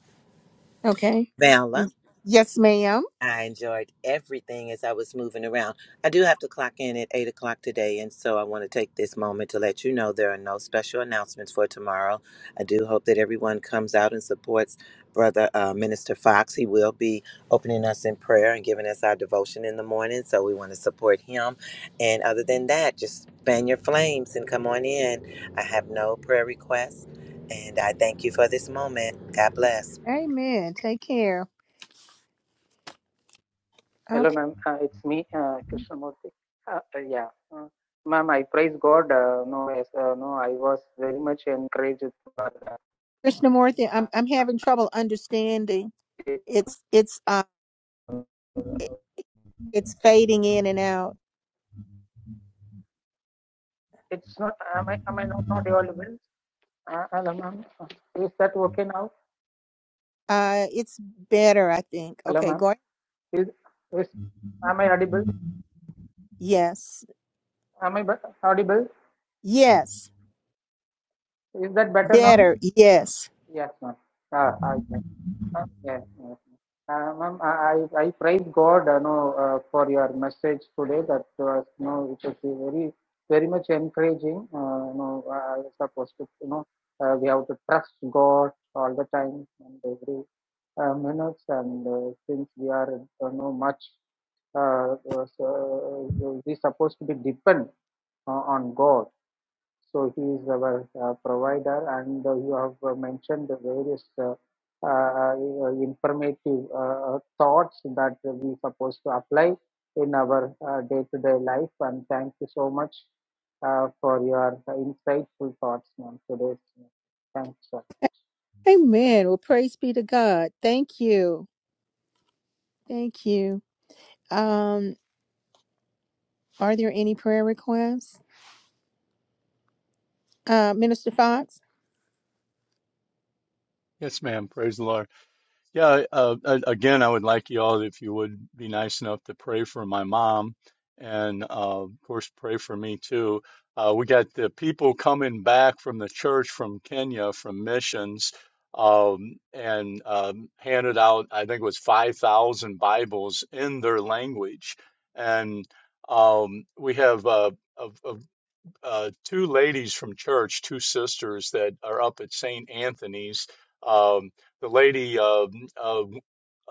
A: Okay.
O: Vala.
A: Yes, ma'am.
O: I enjoyed everything as I was moving around. I do have to clock in at 8 o'clock today, and so I want to take this moment to let you know there are no special announcements for tomorrow. I do hope that everyone comes out and supports Brother uh, Minister Fox. He will be opening us in prayer and giving us our devotion in the morning, so we want to support him. And other than that, just fan your flames and come on in. I have no prayer requests, and I thank you for this moment. God bless.
A: Amen. Take care.
G: Hello,
A: Okay.
G: ma'am. Uh, it's me, uh, Krishnamurti. Uh, uh, yeah, uh, ma'am. I praise God. Uh, no, yes, uh, no. I was very much encouraged. for
A: Krishnamurti, I'm
G: that.
A: I'm having trouble understanding. It's it's uh it- it's fading in and out.
G: It's not. Am I? Am I not, not audible? Uh, hello, ma'am. Uh, Is that okay now?
A: Uh, it's better, I think.
G: Hello,
A: Okay, go
G: ma'am.
A: ahead.
G: Is, is am I audible?
A: Yes,
G: Am I be- audible?
A: yes,
G: Is that better now?
A: better, yes.
G: Yes, ma'am. Uh, I, I- uh, yes, yes. Uh, ma'am, I, I I praise God, you know, uh, for your message today. That was, you know, it was very, very much encouraging. Uh, you know, I was supposed to, you know, uh, we have to trust God all the time and every uh, minutes. And uh, since we are, you know, much, uh, uh, so, uh, we supposed to be depend uh, on God so he is our uh, provider, and uh, you have uh, mentioned the various uh, uh, uh, informative uh, uh, thoughts that we supposed to apply in our uh, day-to-day life. And thank you so much uh, for your insightful thoughts, ma'am. Today's thanks, sir.
A: Amen. Well, praise be to God. Thank you, thank you. Um, are there any prayer requests, uh, Minister Fox?
I: Yes, ma'am. Praise the Lord. Yeah, uh, a- again, I would like you all, if you would be nice enough to pray for my mom and, uh, of course, pray for me too. Uh, we got the people coming back from the church from Kenya from missions um, and um, handed out, I think it was 5,000 Bibles in their language. And um, we have uh, a, a uh, two ladies from church, two sisters that are up at St. Anthony's. Um, the lady uh, uh,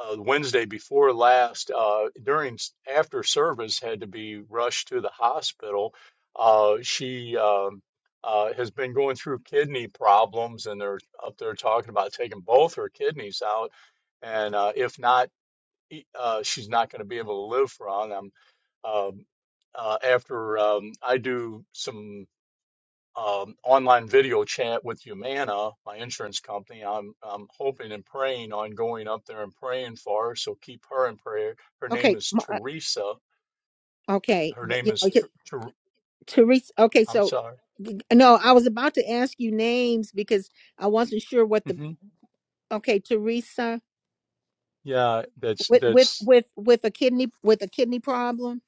I: uh, Wednesday before last, uh, during after service, had to be rushed to the hospital. Uh, she um, uh, has been going through kidney problems, and they're up there talking about taking both her kidneys out. And uh, if not, e- uh, she's not going to be able to live for on them. Um, uh, after um, I do some um, online video chat with Humana, my insurance company. I'm I'm hoping and praying on going up there and praying for her. So keep her in prayer. Her name
A: Okay,
I: is
A: m- uh,
I: Teresa.
A: okay,
I: Her
A: th-
I: name
A: yeah,
I: is
A: okay.
I: Ter- Ter-
A: Teresa. Okay,
I: I'm
A: so
I: sorry.
A: g- no, I was about to ask you names because I wasn't sure what the.
I: hmm
A: Okay, Teresa
I: Yeah, that's
A: with with
I: that's
A: with with a kidney with a kidney problem.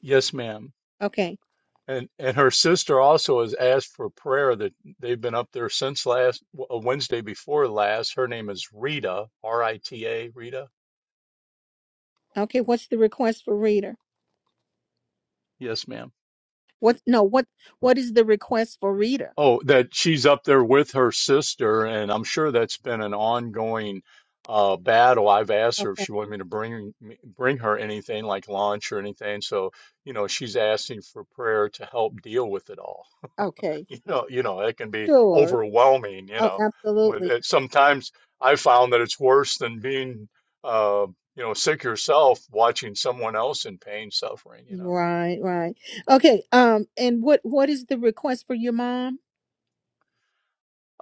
I: yes, ma'am.
A: Okay,
I: And and her sister also has asked for prayer that they've been up there since last w- uh, Wednesday before last. Her name is Rita, R I T A, Rita. Rita?
A: okay. What's the request for reader?
I: Yes, ma'am
A: What no, what what is the request for reader?
I: Oh, that she's up there with her sister, and I'm sure that's been an ongoing uh, battle. I've asked her if
A: Okay.
I: she wanted me to bring me- bring her anything like lunch or anything. So, you know, she's asking for prayer to help deal with it all.
A: Okay.
I: You know, you know, it can be
A: Sure.
I: overwhelming. You
A: Oh,
I: know, when
A: absolutely.
I: it, sometimes I found that it's worse than being, uh, you know, sick yourself, watching someone else in pain, suffering. You know.
A: Right, right. Okay. Um and what what is the request for your mom?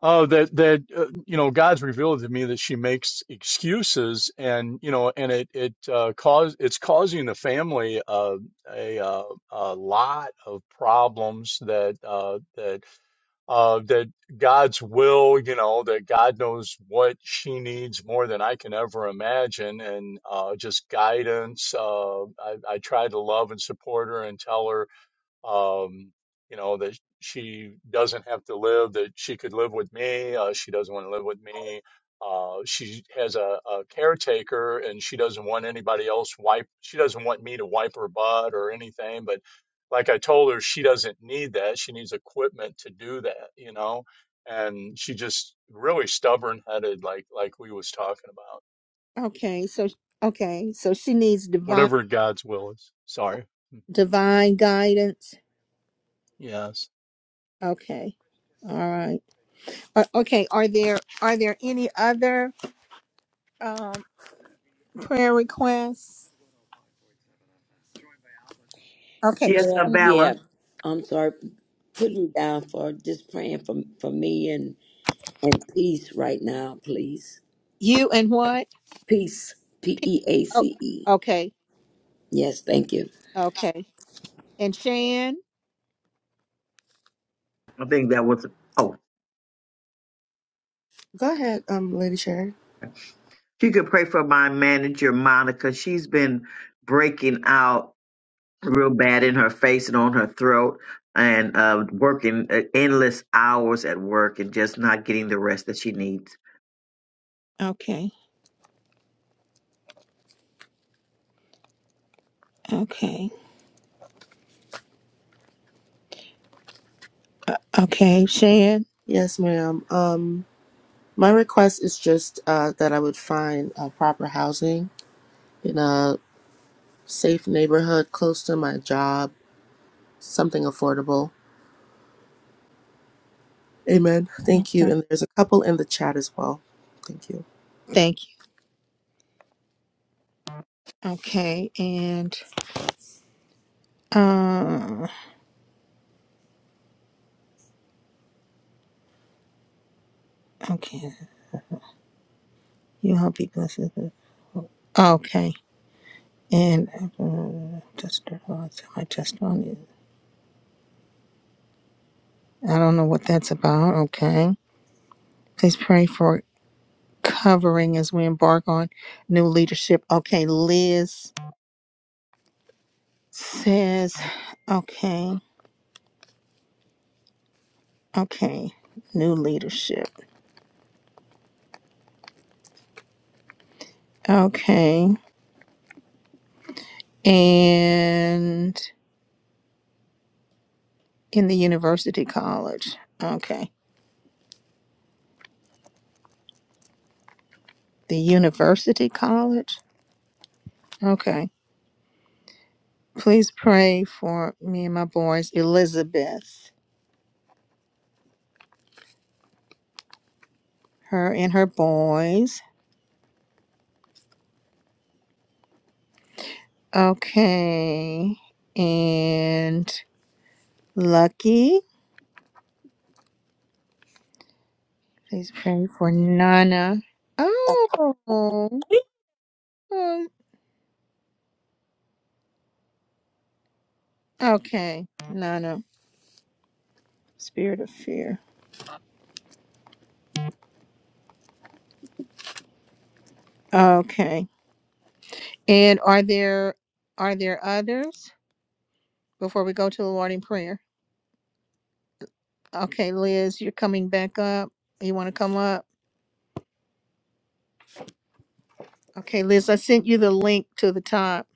I: Oh, that that uh, you know, God's revealed to me that she makes excuses, and you know, and it it uh, cause it's causing the family uh, a uh, a lot of problems that uh, that uh, that God's will, you know, that God knows what she needs more than I can ever imagine, and uh, just guidance. Uh, I, I try to love and support her and tell her um, you know that she doesn't have to live that she could live with me uh, she doesn't want to live with me uh, she has a, a caretaker and she doesn't want anybody else wipe she doesn't want me to wipe her butt or anything but like i told her she doesn't need that she needs equipment to do that you know and she just really stubborn headed like like we was talking about
A: Okay. So okay. So she needs divine
I: whatever god's will is sorry
A: divine guidance.
I: yes
A: Okay. All right. Uh, okay, are there are there any other um prayer requests? Okay.
E: Yes, a
F: Yeah, yeah.
E: balance.
F: I'm sorry. Put me down for just praying for, for me and, and peace right now, please.
A: You and what?
F: Peace. P E A
A: Oh,
F: C E.
A: okay.
F: Yes, thank you.
A: Okay. And Shan?
E: I think that was. oh.
N: Go ahead, um, Lady Sharon.
E: She could pray for my manager, Monica. She's been breaking out real bad in her face and on her throat and uh, working uh, endless hours at work and just not getting the rest that she needs.
A: Okay. Okay. Okay, Shan.
N: Yes, ma'am. Um, my request is just uh, that I would find uh, proper housing in a safe neighborhood close to my job, something affordable. Amen. Thank you. And there's a couple in the chat as well. Thank you.
A: Thank you. Okay, and uh, okay, you hope he blesses it. Okay, and uh, just uh, my testimony. I don't know what that's about. Okay, please pray for covering as we embark on new leadership. Okay, Liz says, okay, okay, new leadership. Okay, and in the university college. Okay. the University College. Okay. Please pray for me and my boys, Elizabeth, her and her boys. Okay. And Lucky. Please pray for Nana. Oh. um, Okay. Nana. Spirit of fear. Okay. And are there are there others before we go to the Lord in prayer? Okay, Liz, you're coming back up. You want to come up? Okay, Liz, I sent you the link to the top.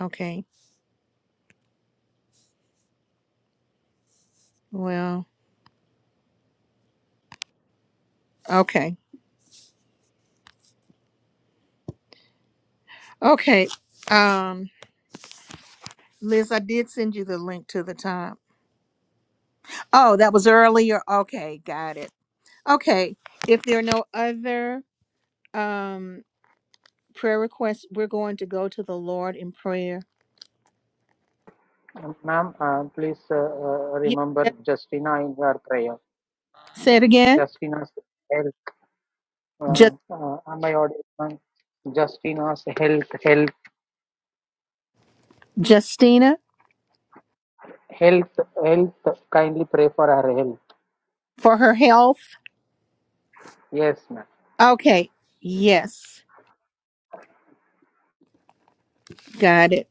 A: Okay. Well, okay. Okay. Um, Liz, I did send you the link to the top. Oh, that was earlier. Okay, got it. Okay. If there are no other um prayer requests, we're going to go to the Lord in prayer.
G: Um, Ma'am, uh, please uh, uh,
A: Yeah.
G: remember Justina in your prayer.
A: Say it again.
G: Justina's health. Uh,
A: Just
G: uh, am I audible, ma'am? Justina's health, health.
A: Justina
G: Health, health. Kindly pray for our health.
A: for her health.
G: Yes, ma'am.
A: Okay. Yes. Got it.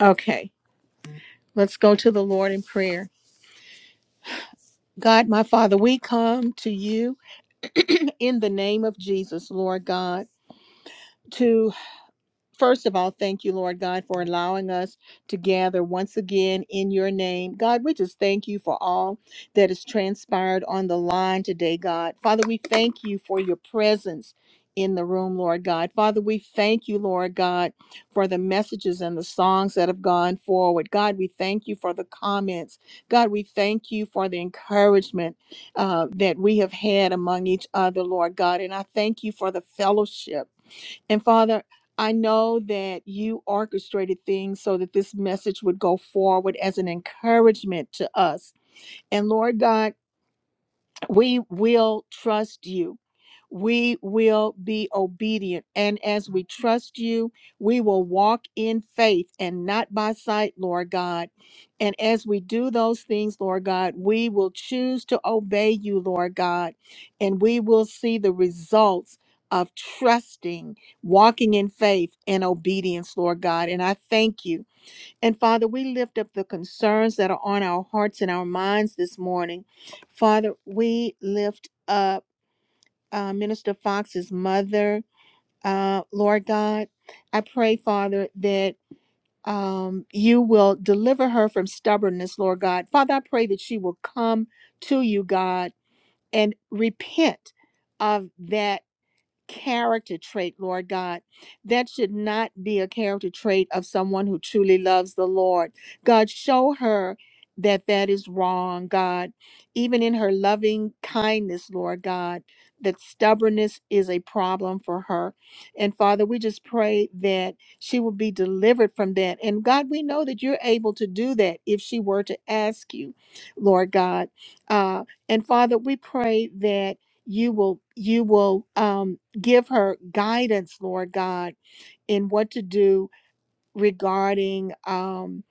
A: Okay. Let's go to the Lord in prayer. God, my Father, we come to you in the name of Jesus, Lord God, to First of all, thank you, Lord God, for allowing us to gather once again in your name. God, we just thank you for all that has transpired on the line today, God. Father, we thank you for your presence in the room, Lord God. Father, we thank you, Lord God, for the messages and the songs that have gone forward. God, we thank you for the comments. God, we thank you for the encouragement uh, that we have had among each other, Lord God. And I thank you for the fellowship. And Father, I know that you orchestrated things so that this message would go forward as an encouragement to us. And Lord God, we will trust you. We will be obedient. And as we trust you, we will walk in faith and not by sight, Lord God. And as we do those things, Lord God, we will choose to obey you, Lord God. And we will see the results of trusting, walking in faith and obedience, Lord God. And I thank you. And Father, we lift up the concerns that are on our hearts and our minds this morning. Father, we lift up uh, Minister Fox's mother, uh, Lord God. I pray, Father, that um, you will deliver her from stubbornness, Lord God. Father, I pray that she will come to you, God, and repent of that character trait, Lord God. That should not be a character trait of someone who truly loves the Lord. God, show her that that is wrong, God. Even in her loving kindness, Lord God, that stubbornness is a problem for her. And Father, we just pray that she will be delivered from that. And God, we know that you're able to do that if she were to ask you, Lord God. Uh, and Father, we pray that you will you will um, give her guidance, Lord God, in what to do regarding um,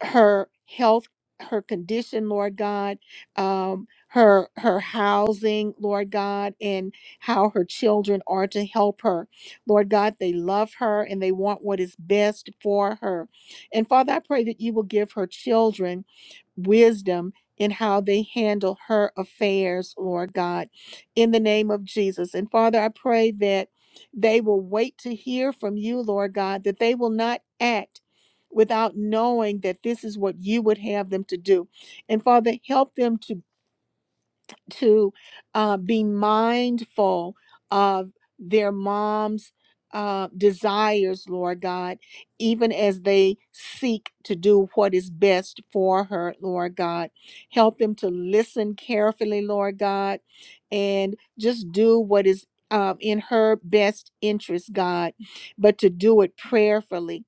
A: her health, her condition, Lord God, um, her her housing, Lord God, and how her children are to help her, Lord God. They love her and they want what is best for her, and Father, I pray that you will give her children wisdom in how they handle her affairs, Lord God, in the name of Jesus. And Father, I pray that they will wait to hear from you, Lord God, that they will not act without knowing that this is what you would have them to do. And Father, help them to to uh, be mindful of their mom's uh, desires, Lord God, even as they seek to do what is best for her, Lord God. Help them to listen carefully, Lord God, and just do what is um, in her best interest, God, but to do it prayerfully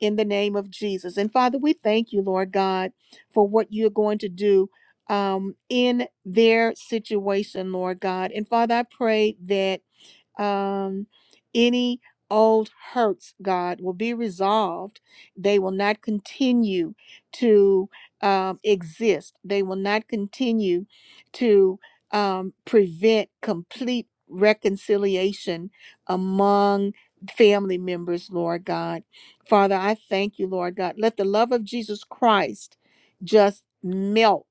A: in the name of Jesus. And Father, we thank you, Lord God, for what you're going to do um, in their situation, Lord God. And Father, I pray that um, any old hurts, God, will be resolved. They will not continue to um, exist. They will not continue to um, prevent complete reconciliation among family members, Lord God. Father, I thank you, Lord God. Let the love of Jesus Christ just melt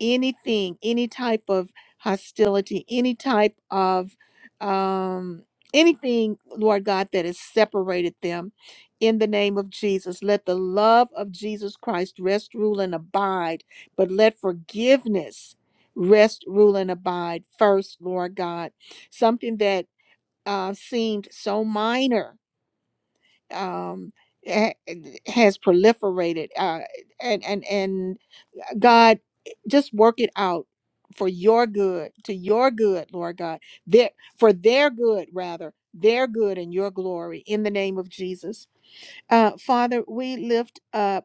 A: anything, any type of hostility, any type of um, anything, Lord God, that has separated them. In the name of Jesus, let the love of Jesus Christ rest, rule, and abide, but let forgiveness rest, rule, and abide first, Lord God. Something that uh, seemed so minor um, ha- has proliferated, uh, and and and God, eh, just work it out for your good, to your good, Lord God, their, for their good rather, their good and your glory, in the name of Jesus, uh, Father. We lift up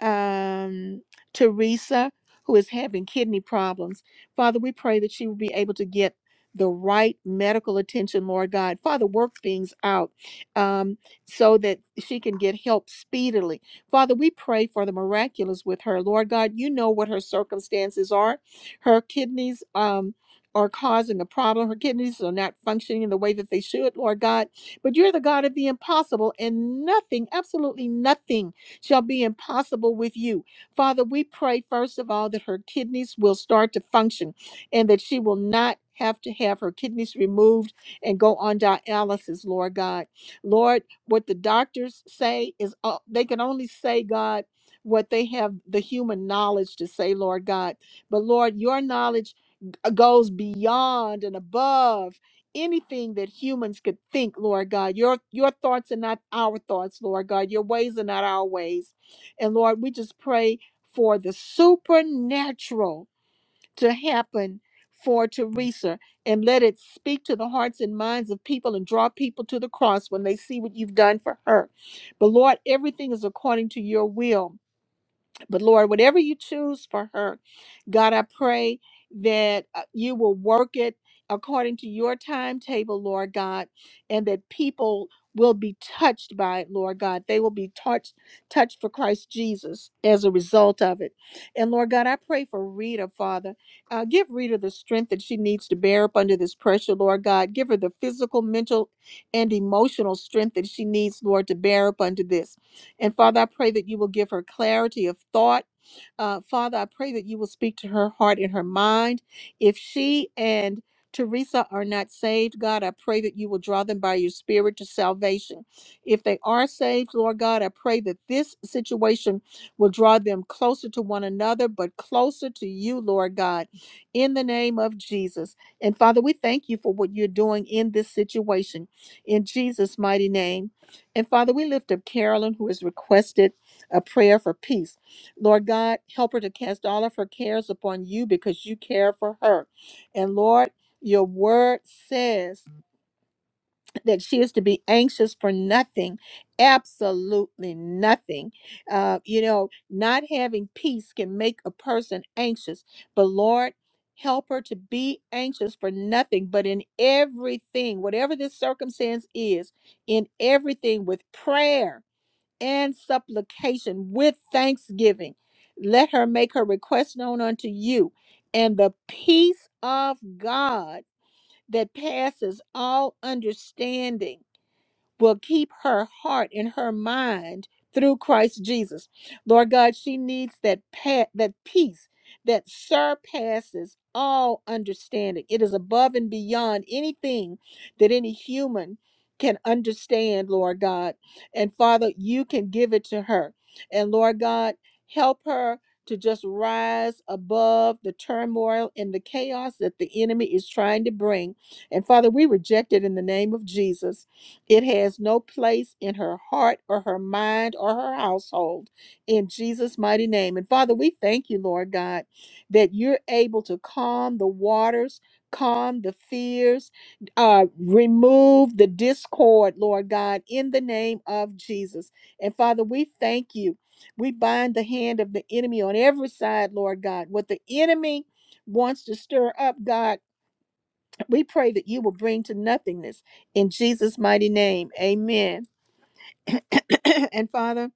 A: um, Teresa, who is having kidney problems. Father, we pray that she will be able to get the right medical attention, Lord God. Father, work things out um, so that she can get help speedily. Father, we pray for the miraculous with her. Lord God, you know what her circumstances are. Her kidneys um, are causing a problem. Her kidneys are not functioning in the way that they should, Lord God. But you're the God of the impossible, and nothing, absolutely nothing shall be impossible with you. Father, we pray, first of all, that her kidneys will start to function and that she will not have to have her kidneys removed and go on dialysis, Lord God. Lord, what the doctors say is uh, they can only say, God, what they have the human knowledge to say, Lord God. But Lord, your knowledge uh, goes beyond and above anything that humans could think, Lord God. Your your thoughts are not our thoughts, Lord God. Your ways are not our ways. And Lord, we just pray for the supernatural to happen for Teresa and let it speak to the hearts and minds of people and draw people to the cross when they see what you've done for her. But Lord, everything is according to your will. But Lord, whatever you choose for her, God, I pray that uh, you will work it according to your timetable, Lord God, and that people will be touched by it, Lord God. They will be touched touched for Christ Jesus as a result of it. And Lord God, I pray for Rita, Father. Uh, give Rita the strength that she needs to bear up under this pressure, Lord God. Give her the physical, mental, and emotional strength that she needs, Lord, to bear up under this. And Father, I pray that you will give her clarity of thought. Uh, Father, I pray that you will speak to her heart and her mind. If she and Teresa are not saved, God, I pray that you will draw them by your spirit to salvation. If they are saved, Lord God, I pray that this situation will draw them closer to one another, but closer to you, Lord God, in the name of Jesus. And Father, we thank you for what you're doing in this situation. In Jesus' mighty name. And Father, we lift up Carolyn, who has requested a prayer for peace. Lord God, help her to cast all of her cares upon you because you care for her. And Lord, your word says that she is to be anxious for nothing, absolutely nothing. Uh, you know, not having peace can make a person anxious. But Lord, help her to be anxious for nothing, but in everything, whatever this circumstance is, in everything with prayer and supplication with thanksgiving. Let her make her request known unto you, and the peace of God that passes all understanding will keep her heart and her mind through Christ Jesus. Lord God, she needs that pa- that peace that surpasses all understanding. It is above and beyond anything that any human can understand, Lord God. And Father, you can give it to her. And Lord God, help her to just rise above the turmoil and the chaos that the enemy is trying to bring. And Father, we reject it in the name of Jesus it has no place in her heart or her mind or her household in Jesus' mighty name. And Father, we thank you, Lord God, that you're able to calm the waters, calm the fears, uh, remove the discord, Lord God, in the name of Jesus. And Father, we thank you. We bind the hand of the enemy on every side, Lord God. What the enemy wants to stir up, God. We pray that you will bring to nothingness in Jesus' mighty name. Amen. and Father,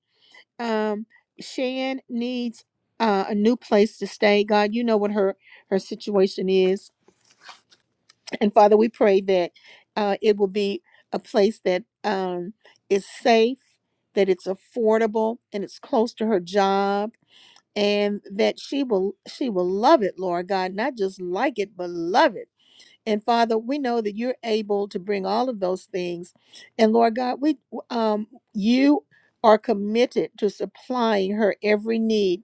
A: um, Shan needs uh, a new place to stay. God, you know what her her situation is, and Father, we pray that uh, it will be a place that um, is safe, that it's affordable, and it's close to her job. And that she will she will love it, Lord God, not just like it, but love it And Father, we know that you're able to bring all of those things. And Lord God, we um you are committed to supplying her every need.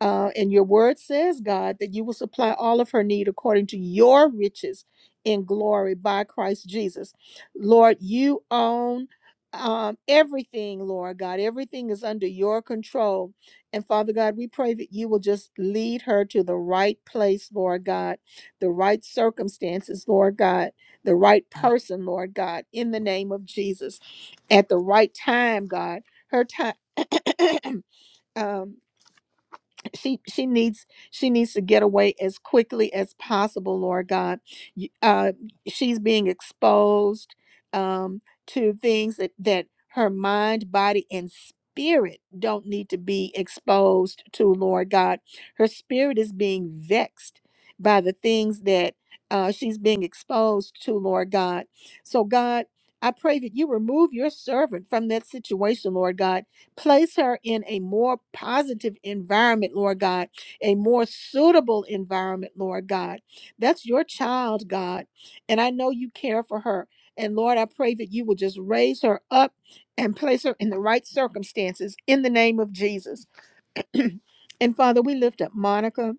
A: Uh, and your word says, God, that you will supply all of her need according to your riches in glory by Christ Jesus. Lord, you own um, everything, Lord God. Everything is under your control. And Father God, we pray that you will just lead her to the right place, Lord God the right circumstances, Lord God, the right person, Lord God, in the name of Jesus, at the right time, God. Her time. um, she she needs she needs to get away as quickly as possible lord god You- uh she's being exposed um to things that that her mind body and spirit don't need to be exposed to lord god her spirit is being vexed by the things that uh, she's being exposed to lord god so god I pray that you remove your servant from that situation, Lord God Place her in a more positive environment, Lord God, a more suitable environment, Lord God. That's your child, God. And I know you care for her. And Lord, I pray that you will just raise her up and place her in the right circumstances in the name of Jesus. and Father, we lift up Monica,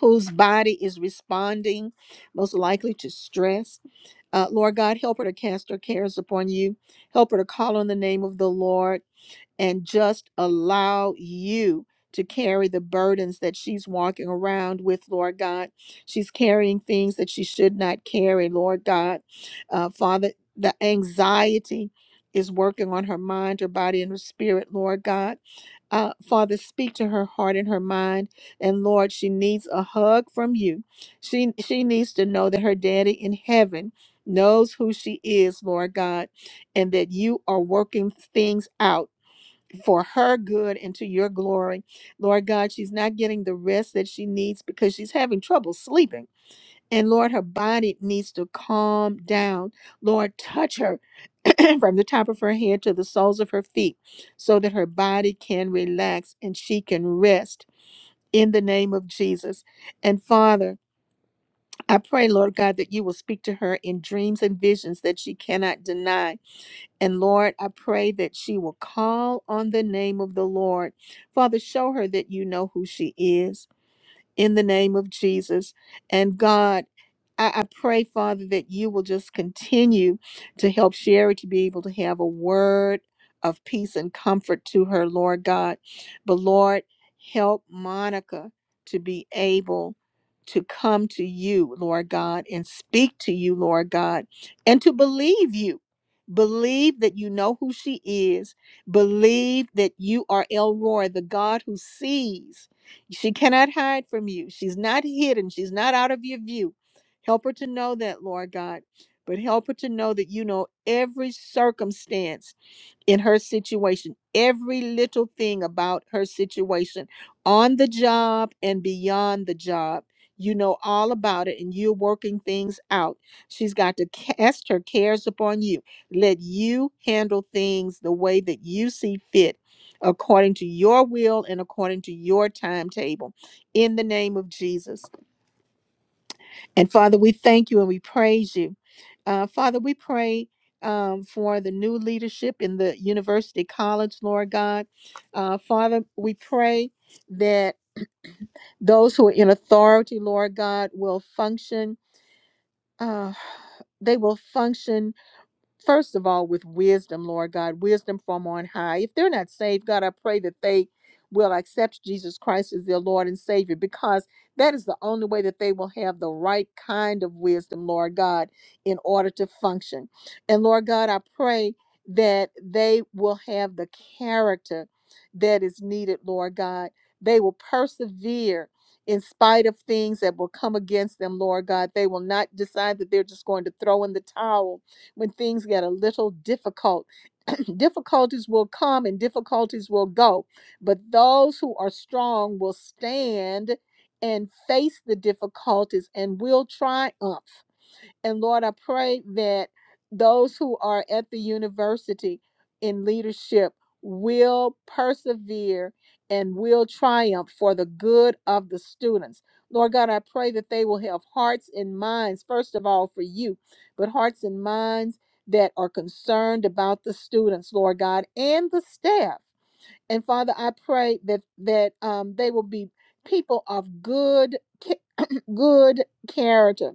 A: whose body is responding most likely to stress. Uh, Lord God, help her to cast her cares upon you. Help her to call on the name of the Lord and just allow you to carry the burdens that she's walking around with, Lord God. She's carrying things that she should not carry, Lord God. Uh, Father, the anxiety is working on her mind, her body, and her spirit, Lord God. Uh, Father, speak to her heart and her mind. And Lord, she needs a hug from you. She, she needs to know that her daddy in heaven knows who she is, Lord God, and that you are working things out for her good and to your glory. Lord God, she's not getting the rest that she needs because she's having trouble sleeping. And Lord, her body needs to calm down. Lord, touch her from the top of her head to the soles of her feet so that her body can relax and she can rest in the name of Jesus. And Father, I pray, Lord God, that you will speak to her in dreams and visions that she cannot deny and Lord, I pray that she will call on the name of the Lord. Father, show her that you know who she is in the name of Jesus. And God, I, I pray, Father, that you will just continue to help Sherry to be able to have a word of peace and comfort to her, Lord God. But Lord, help Monica to be able to come to you, Lord God, and speak to you, Lord God, and to believe you. Believe that you know who she is. Believe that you are El Elroy, the God who sees she cannot hide from you. She's not hidden. She's not out of your view. Help her to know that, Lord God. But help her to know that you know every circumstance in her situation, every little thing about her situation on the job and beyond the job. You know all about it and you're working things out. She's got to cast her cares upon you. Let you handle things the way that you see fit, according to your will and according to your timetable. In the name of Jesus. And Father, we thank you and we praise you. Uh, Father, we pray um, for the new leadership in the University College, Lord God. Uh, Father, we pray that those who are in authority, Lord God, will function. Uh, they will function first of all with wisdom, Lord God, wisdom from on high. If they're not saved, God, I pray that they will accept Jesus Christ as their Lord and Savior because that is the only way that they will have the right kind of wisdom, Lord God, in order to function. And Lord God, I pray that they will have the character that is needed, Lord God. They will persevere in spite of things that will come against them, Lord God. They will not decide that they're just going to throw in the towel when things get a little difficult. difficulties will come and difficulties will go, but those who are strong will stand and face the difficulties and will triumph. And Lord, I pray that those who are at the university in leadership will persevere and will triumph for the good of the students. Lord God, I pray that they will have hearts and minds, first of all, for you, but hearts and minds that are concerned about the students, Lord God, and the staff. And Father, I pray that that um, they will be people of good, ca- good character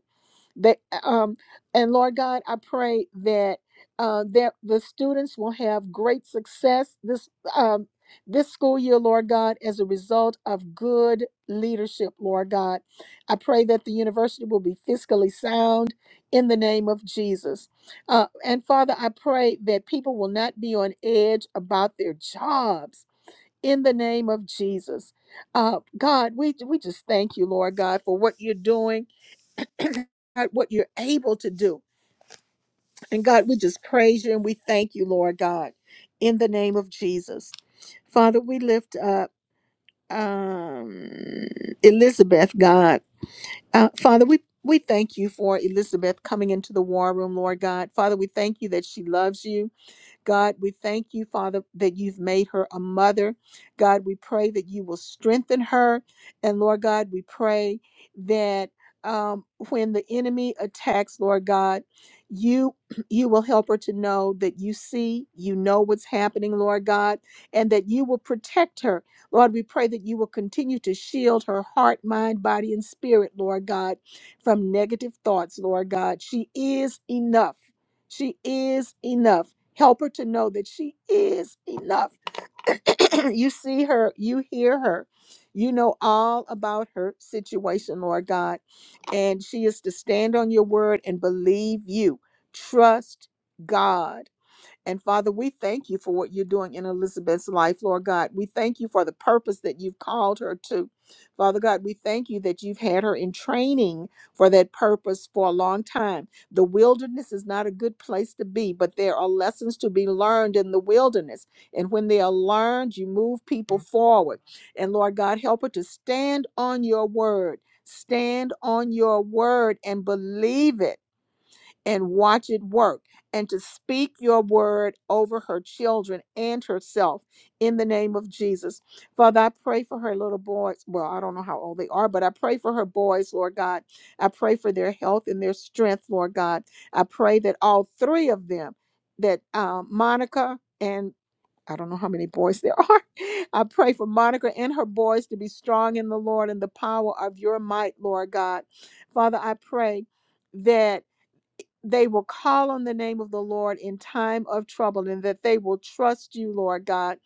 A: they um and Lord God, I pray that uh that the students will have great success this um this school year, Lord God, as a result of good leadership, Lord God. I pray that the university will be fiscally sound in the name of Jesus. Uh, and Father, I pray that people will not be on edge about their jobs in the name of Jesus. Uh, God, we, we just thank you, Lord God, for what you're doing God, what you're able to do. And God, we just praise you and we thank you, Lord God, in the name of Jesus. Father, we lift up um, Elizabeth, God. Uh, Father, we we thank you for Elizabeth coming into the war room, Lord God. Father, we thank you that she loves you. God, we thank you, Father, that you've made her a mother. God, we pray that you will strengthen her. And Lord God, we pray that um, when the enemy attacks, Lord God, you you will help her to know that you see, you know what's happening, Lord God, and that you will protect her. Lord, we pray that you will continue to shield her heart, mind, body, and spirit, Lord God, from negative thoughts, Lord God. She is enough. She is enough. Help her to know that she is enough. you see her, you hear her, you know all about her situation, Lord God. And she is to stand on your word and believe you. Trust God. And Father, we thank you for what you're doing in Elizabeth's life, Lord God. We thank you for the purpose that you've called her to. Father God, we thank you that you've had her in training for that purpose for a long time. The wilderness is not a good place to be, but there are lessons to be learned in the wilderness. And when they are learned, you move people forward. And Lord God, help her to stand on your word. Stand on your word and believe it and watch it work and to speak your word over her children and herself in the name of Jesus. Father, I pray for her little boys. Well, I don't know how old they are, but I pray for her boys, Lord God. I pray for their health and their strength, Lord God. I pray that all three of them, that um, Monica and I don't know how many boys there are. I pray for Monica and her boys to be strong in the Lord and the power of your might, Lord God. Father, I pray that they will call on the name of the Lord in time of trouble and that they will trust you, Lord God.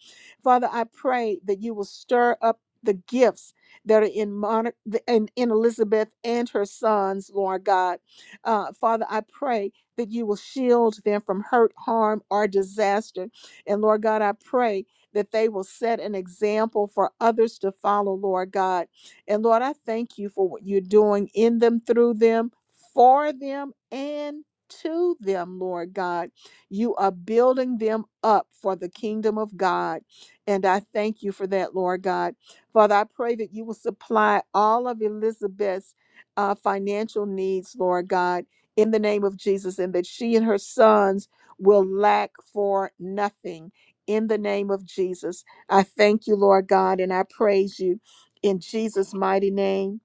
A: Father, I pray that you will stir up the gifts that are in, Mon- in, in Elizabeth and her sons, Lord God. Uh, Father, I pray that you will shield them from hurt, harm, or disaster. And Lord God, I pray that they will set an example for others to follow, Lord God. And Lord, I thank you for what you're doing in them, through them, for them, and to them, Lord God. You are building them up for the kingdom of God. And I thank you for that, Lord God. Father, I pray that you will supply all of Elizabeth's uh, financial needs, Lord God, in the name of Jesus, and that she and her sons will lack for nothing. In the name of Jesus, I thank you, Lord God, and I praise you in Jesus' mighty name.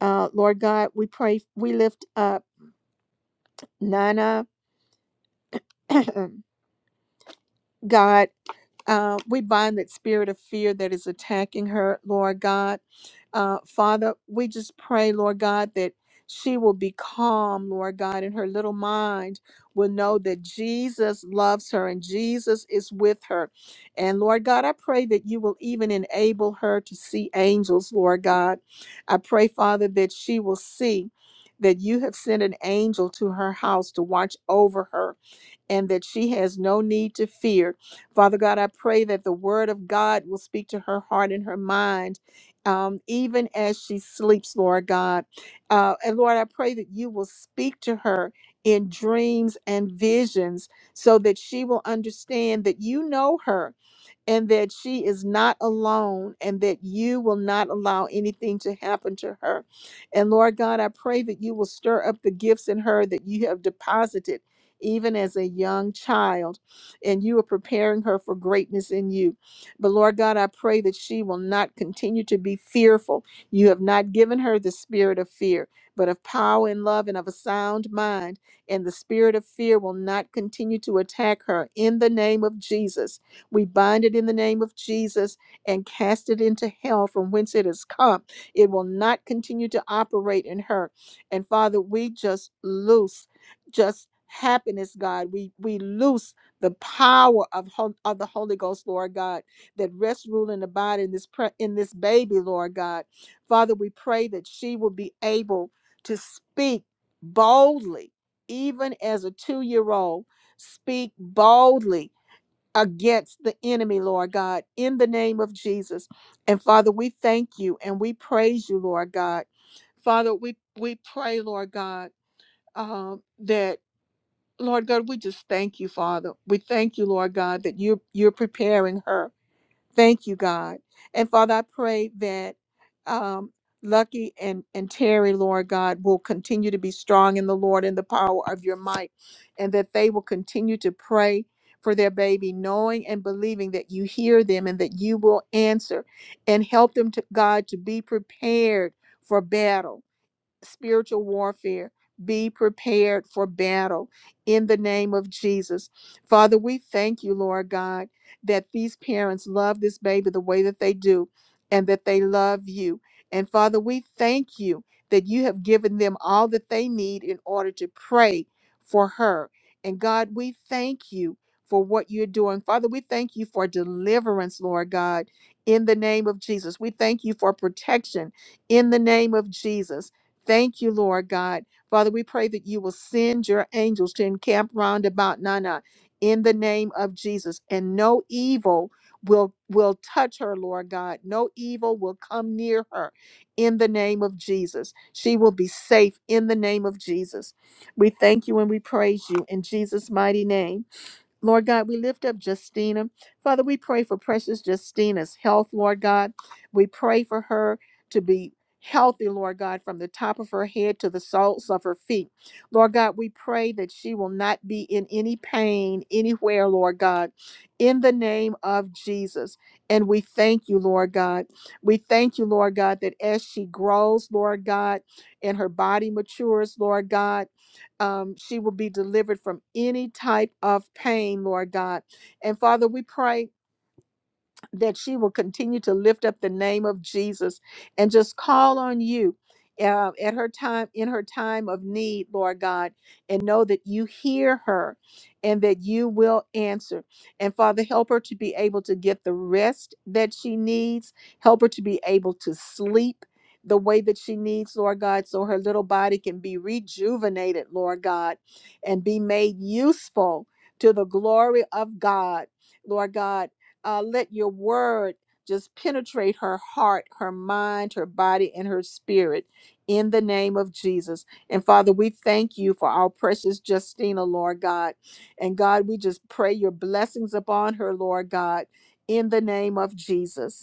A: Uh, Lord God, we pray, we lift up Nana. God, uh, we bind that spirit of fear that is attacking her, Lord God. Uh, Father, we just pray, Lord God, that she will be calm, Lord God, and her little mind will know that Jesus loves her and Jesus is with her. And Lord God, I pray that you will even enable her to see angels, Lord God. I pray, Father, that she will see that you have sent an angel to her house to watch over her and that she has no need to fear. Father God, I pray that the word of God will speak to her heart and her mind, um, even as she sleeps, Lord God. Uh, and Lord, I pray that you will speak to her in dreams and visions so that she will understand that you know her and that she is not alone and that you will not allow anything to happen to her. And Lord God, I pray that you will stir up the gifts in her that you have deposited even as a young child and you are preparing her for greatness in you. But Lord God, I pray that she will not continue to be fearful. You have not given her the spirit of fear, but of power and love and of a sound mind. And the spirit of fear will not continue to attack her in the name of Jesus. We bind it in the name of Jesus and cast it into hell from whence it has come. It will not continue to operate in her. And Father, we just loose just happiness, God. We we loose the power of, hol- of the Holy Ghost, Lord God, that rests, rule, and abide in this pre- in this baby, Lord God. Father, we pray that she will be able to speak boldly, even as a two-year-old. Speak boldly against the enemy, Lord God, in the name of Jesus. And Father, we thank you and we praise you, Lord God. Father, we we pray, Lord God, um, that Lord God, we just thank you, Father. We thank you, Lord God, that you are you're you're preparing her. Thank you, God. And Father, I pray that um, Lucky and, and Terry, Lord God, will continue to be strong in the Lord and the power of your might, and that they will continue to pray for their baby, knowing and believing that you hear them and that you will answer and help them to God to be prepared for battle spiritual warfare. Be prepared for battle in the name of Jesus. Father, we thank you, Lord God, that these parents love this baby the way that they do and that they love you. And Father, we thank you that you have given them all that they need in order to pray for her. And God, we thank you for what you're doing. Father, we thank you for deliverance, Lord God, in the name of Jesus. We thank you for protection in the name of Jesus. Thank you, Lord God. Father, we pray that you will send your angels to encamp round about Nana in the name of Jesus, and no evil will will touch her, Lord God. No evil will come near her in the name of Jesus. She will be safe in the name of Jesus. We thank you and we praise you in Jesus' mighty name. Lord God, we lift up Justina. Father, we pray for precious Justina's health, Lord God. We pray for her to be healthy, Lord God, from the top of her head to the soles of her feet. Lord God, we pray that she will not be in any pain anywhere, Lord God, in the name of Jesus. And we thank you, Lord God. We thank you, Lord God, that as she grows, Lord God, and her body matures, Lord God um, she will be delivered from any type of pain, Lord God. And Father, we pray that she will continue to lift up the name of Jesus and just call on you uh, at her time in her time of need, Lord God, and know that you hear her and that you will answer. And Father, help her to be able to get the rest that she needs, help her to be able to sleep. The way that she needs, Lord God, so her little body can be rejuvenated, Lord God, and be made useful to the glory of God, Lord God uh, let your word just penetrate her heart, her mind, her body, and her spirit in the name of Jesus. And Father, we thank you for our precious Justina, Lord God. And God, we just pray your blessings upon her, Lord God, in the name of Jesus.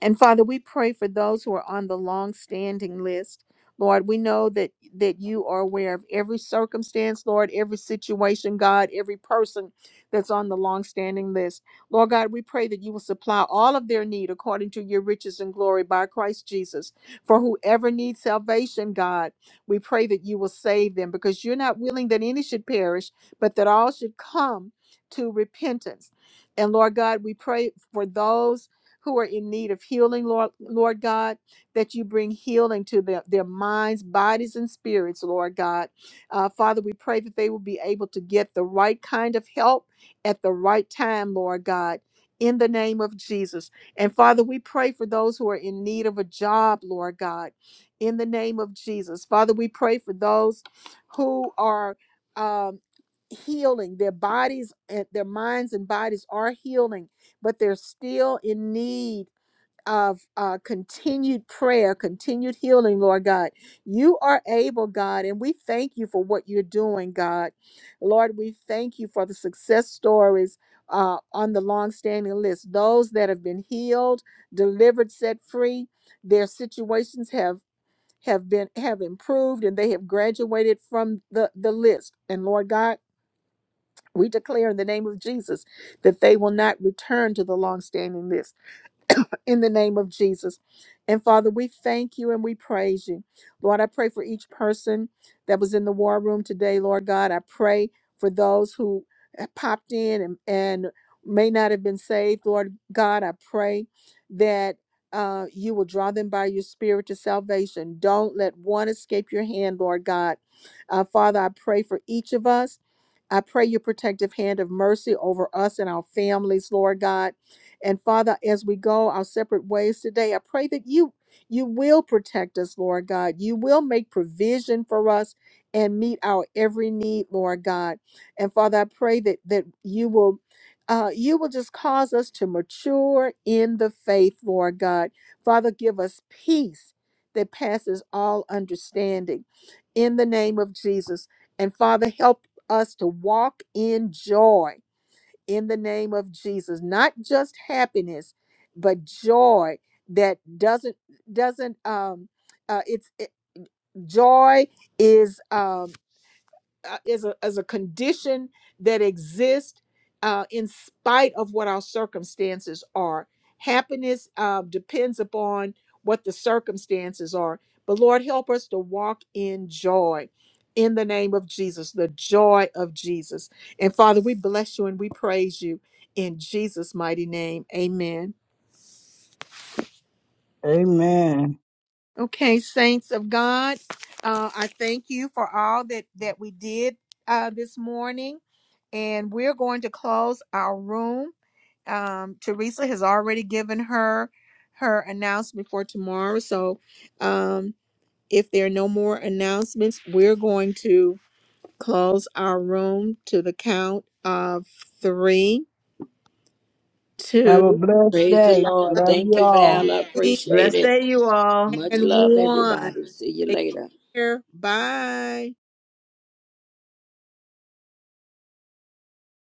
A: And Father, we pray for those who are on the long-standing list. Lord, we know that that you are aware of every circumstance, Lord, every situation, God, every person that's on the long-standing list. Lord God, we pray that you will supply all of their need according to your riches and glory by Christ Jesus. For whoever needs salvation, God, we pray that you will save them because you're not willing that any should perish, but that all should come to repentance. And Lord God, we pray for those who are in need of healing, Lord, Lord God, that you bring healing to their, their minds, bodies, and spirits, Lord God. Uh, Father, we pray that they will be able to get the right kind of help at the right time, Lord God. In the name of Jesus. And Father, we pray for those who are in need of a job, Lord God, in the name of Jesus. Father, we pray for those who are um, healing, their bodies and their minds and bodies are healing but they're still in need of uh, continued prayer, continued healing, Lord God. You are able, God, and we thank you for what you're doing, God. Lord, we thank you for the success stories uh, on the long-standing list, those that have been healed, delivered, set free. Their situations have have been have improved and they have graduated from the the list and lord god we declare in the name of jesus that they will not return to the long-standing list in the name of Jesus. And Father, we thank you and we praise you. Lord, I pray for each person that was in the war room today, Lord God. I pray for those who have popped in and, and may not have been saved, Lord God. I pray that uh, you will draw them by your spirit to salvation. Don't let one escape your hand, Lord God. Uh, Father, I pray for each of us. I pray your protective hand of mercy over us and our families, Lord God. And Father, as we go our separate ways today, I pray that you you will protect us, Lord God. You will make provision for us and meet our every need, Lord God. And Father, I pray that that you will uh, you will just cause us to mature in the faith, Lord God. Father, give us peace that passes all understanding in the name of Jesus. And Father, help us to walk in joy in the name of Jesus, not just happiness, but joy that doesn't doesn't um uh it's it, joy is um uh, is a is a condition that exists uh, in spite of what our circumstances are. Happiness uh, depends upon what the circumstances are. But Lord, help us to walk in joy in the name of Jesus, the joy of Jesus. And Father, we bless you and we praise you in Jesus' mighty name. Amen.
K: Amen.
A: Okay, saints of God, uh, I thank you for all that that we did uh, this morning, and we're going to close our room. Um, Teresa has already given her her announcement for tomorrow, so um, if there are no more announcements, we're going to close our room to the count of three,
K: Have a
A: two,
K: blessed
F: Praise the
K: day.
F: Lord.
K: Love
F: Thank
K: you
F: you,
K: all.
F: Val. I
A: three,
F: appreciate
E: Blessed
F: it.
E: day, you all.
F: Much
A: and
F: love,
A: one.
F: everybody. See you
A: Take
F: later.
A: care. Bye.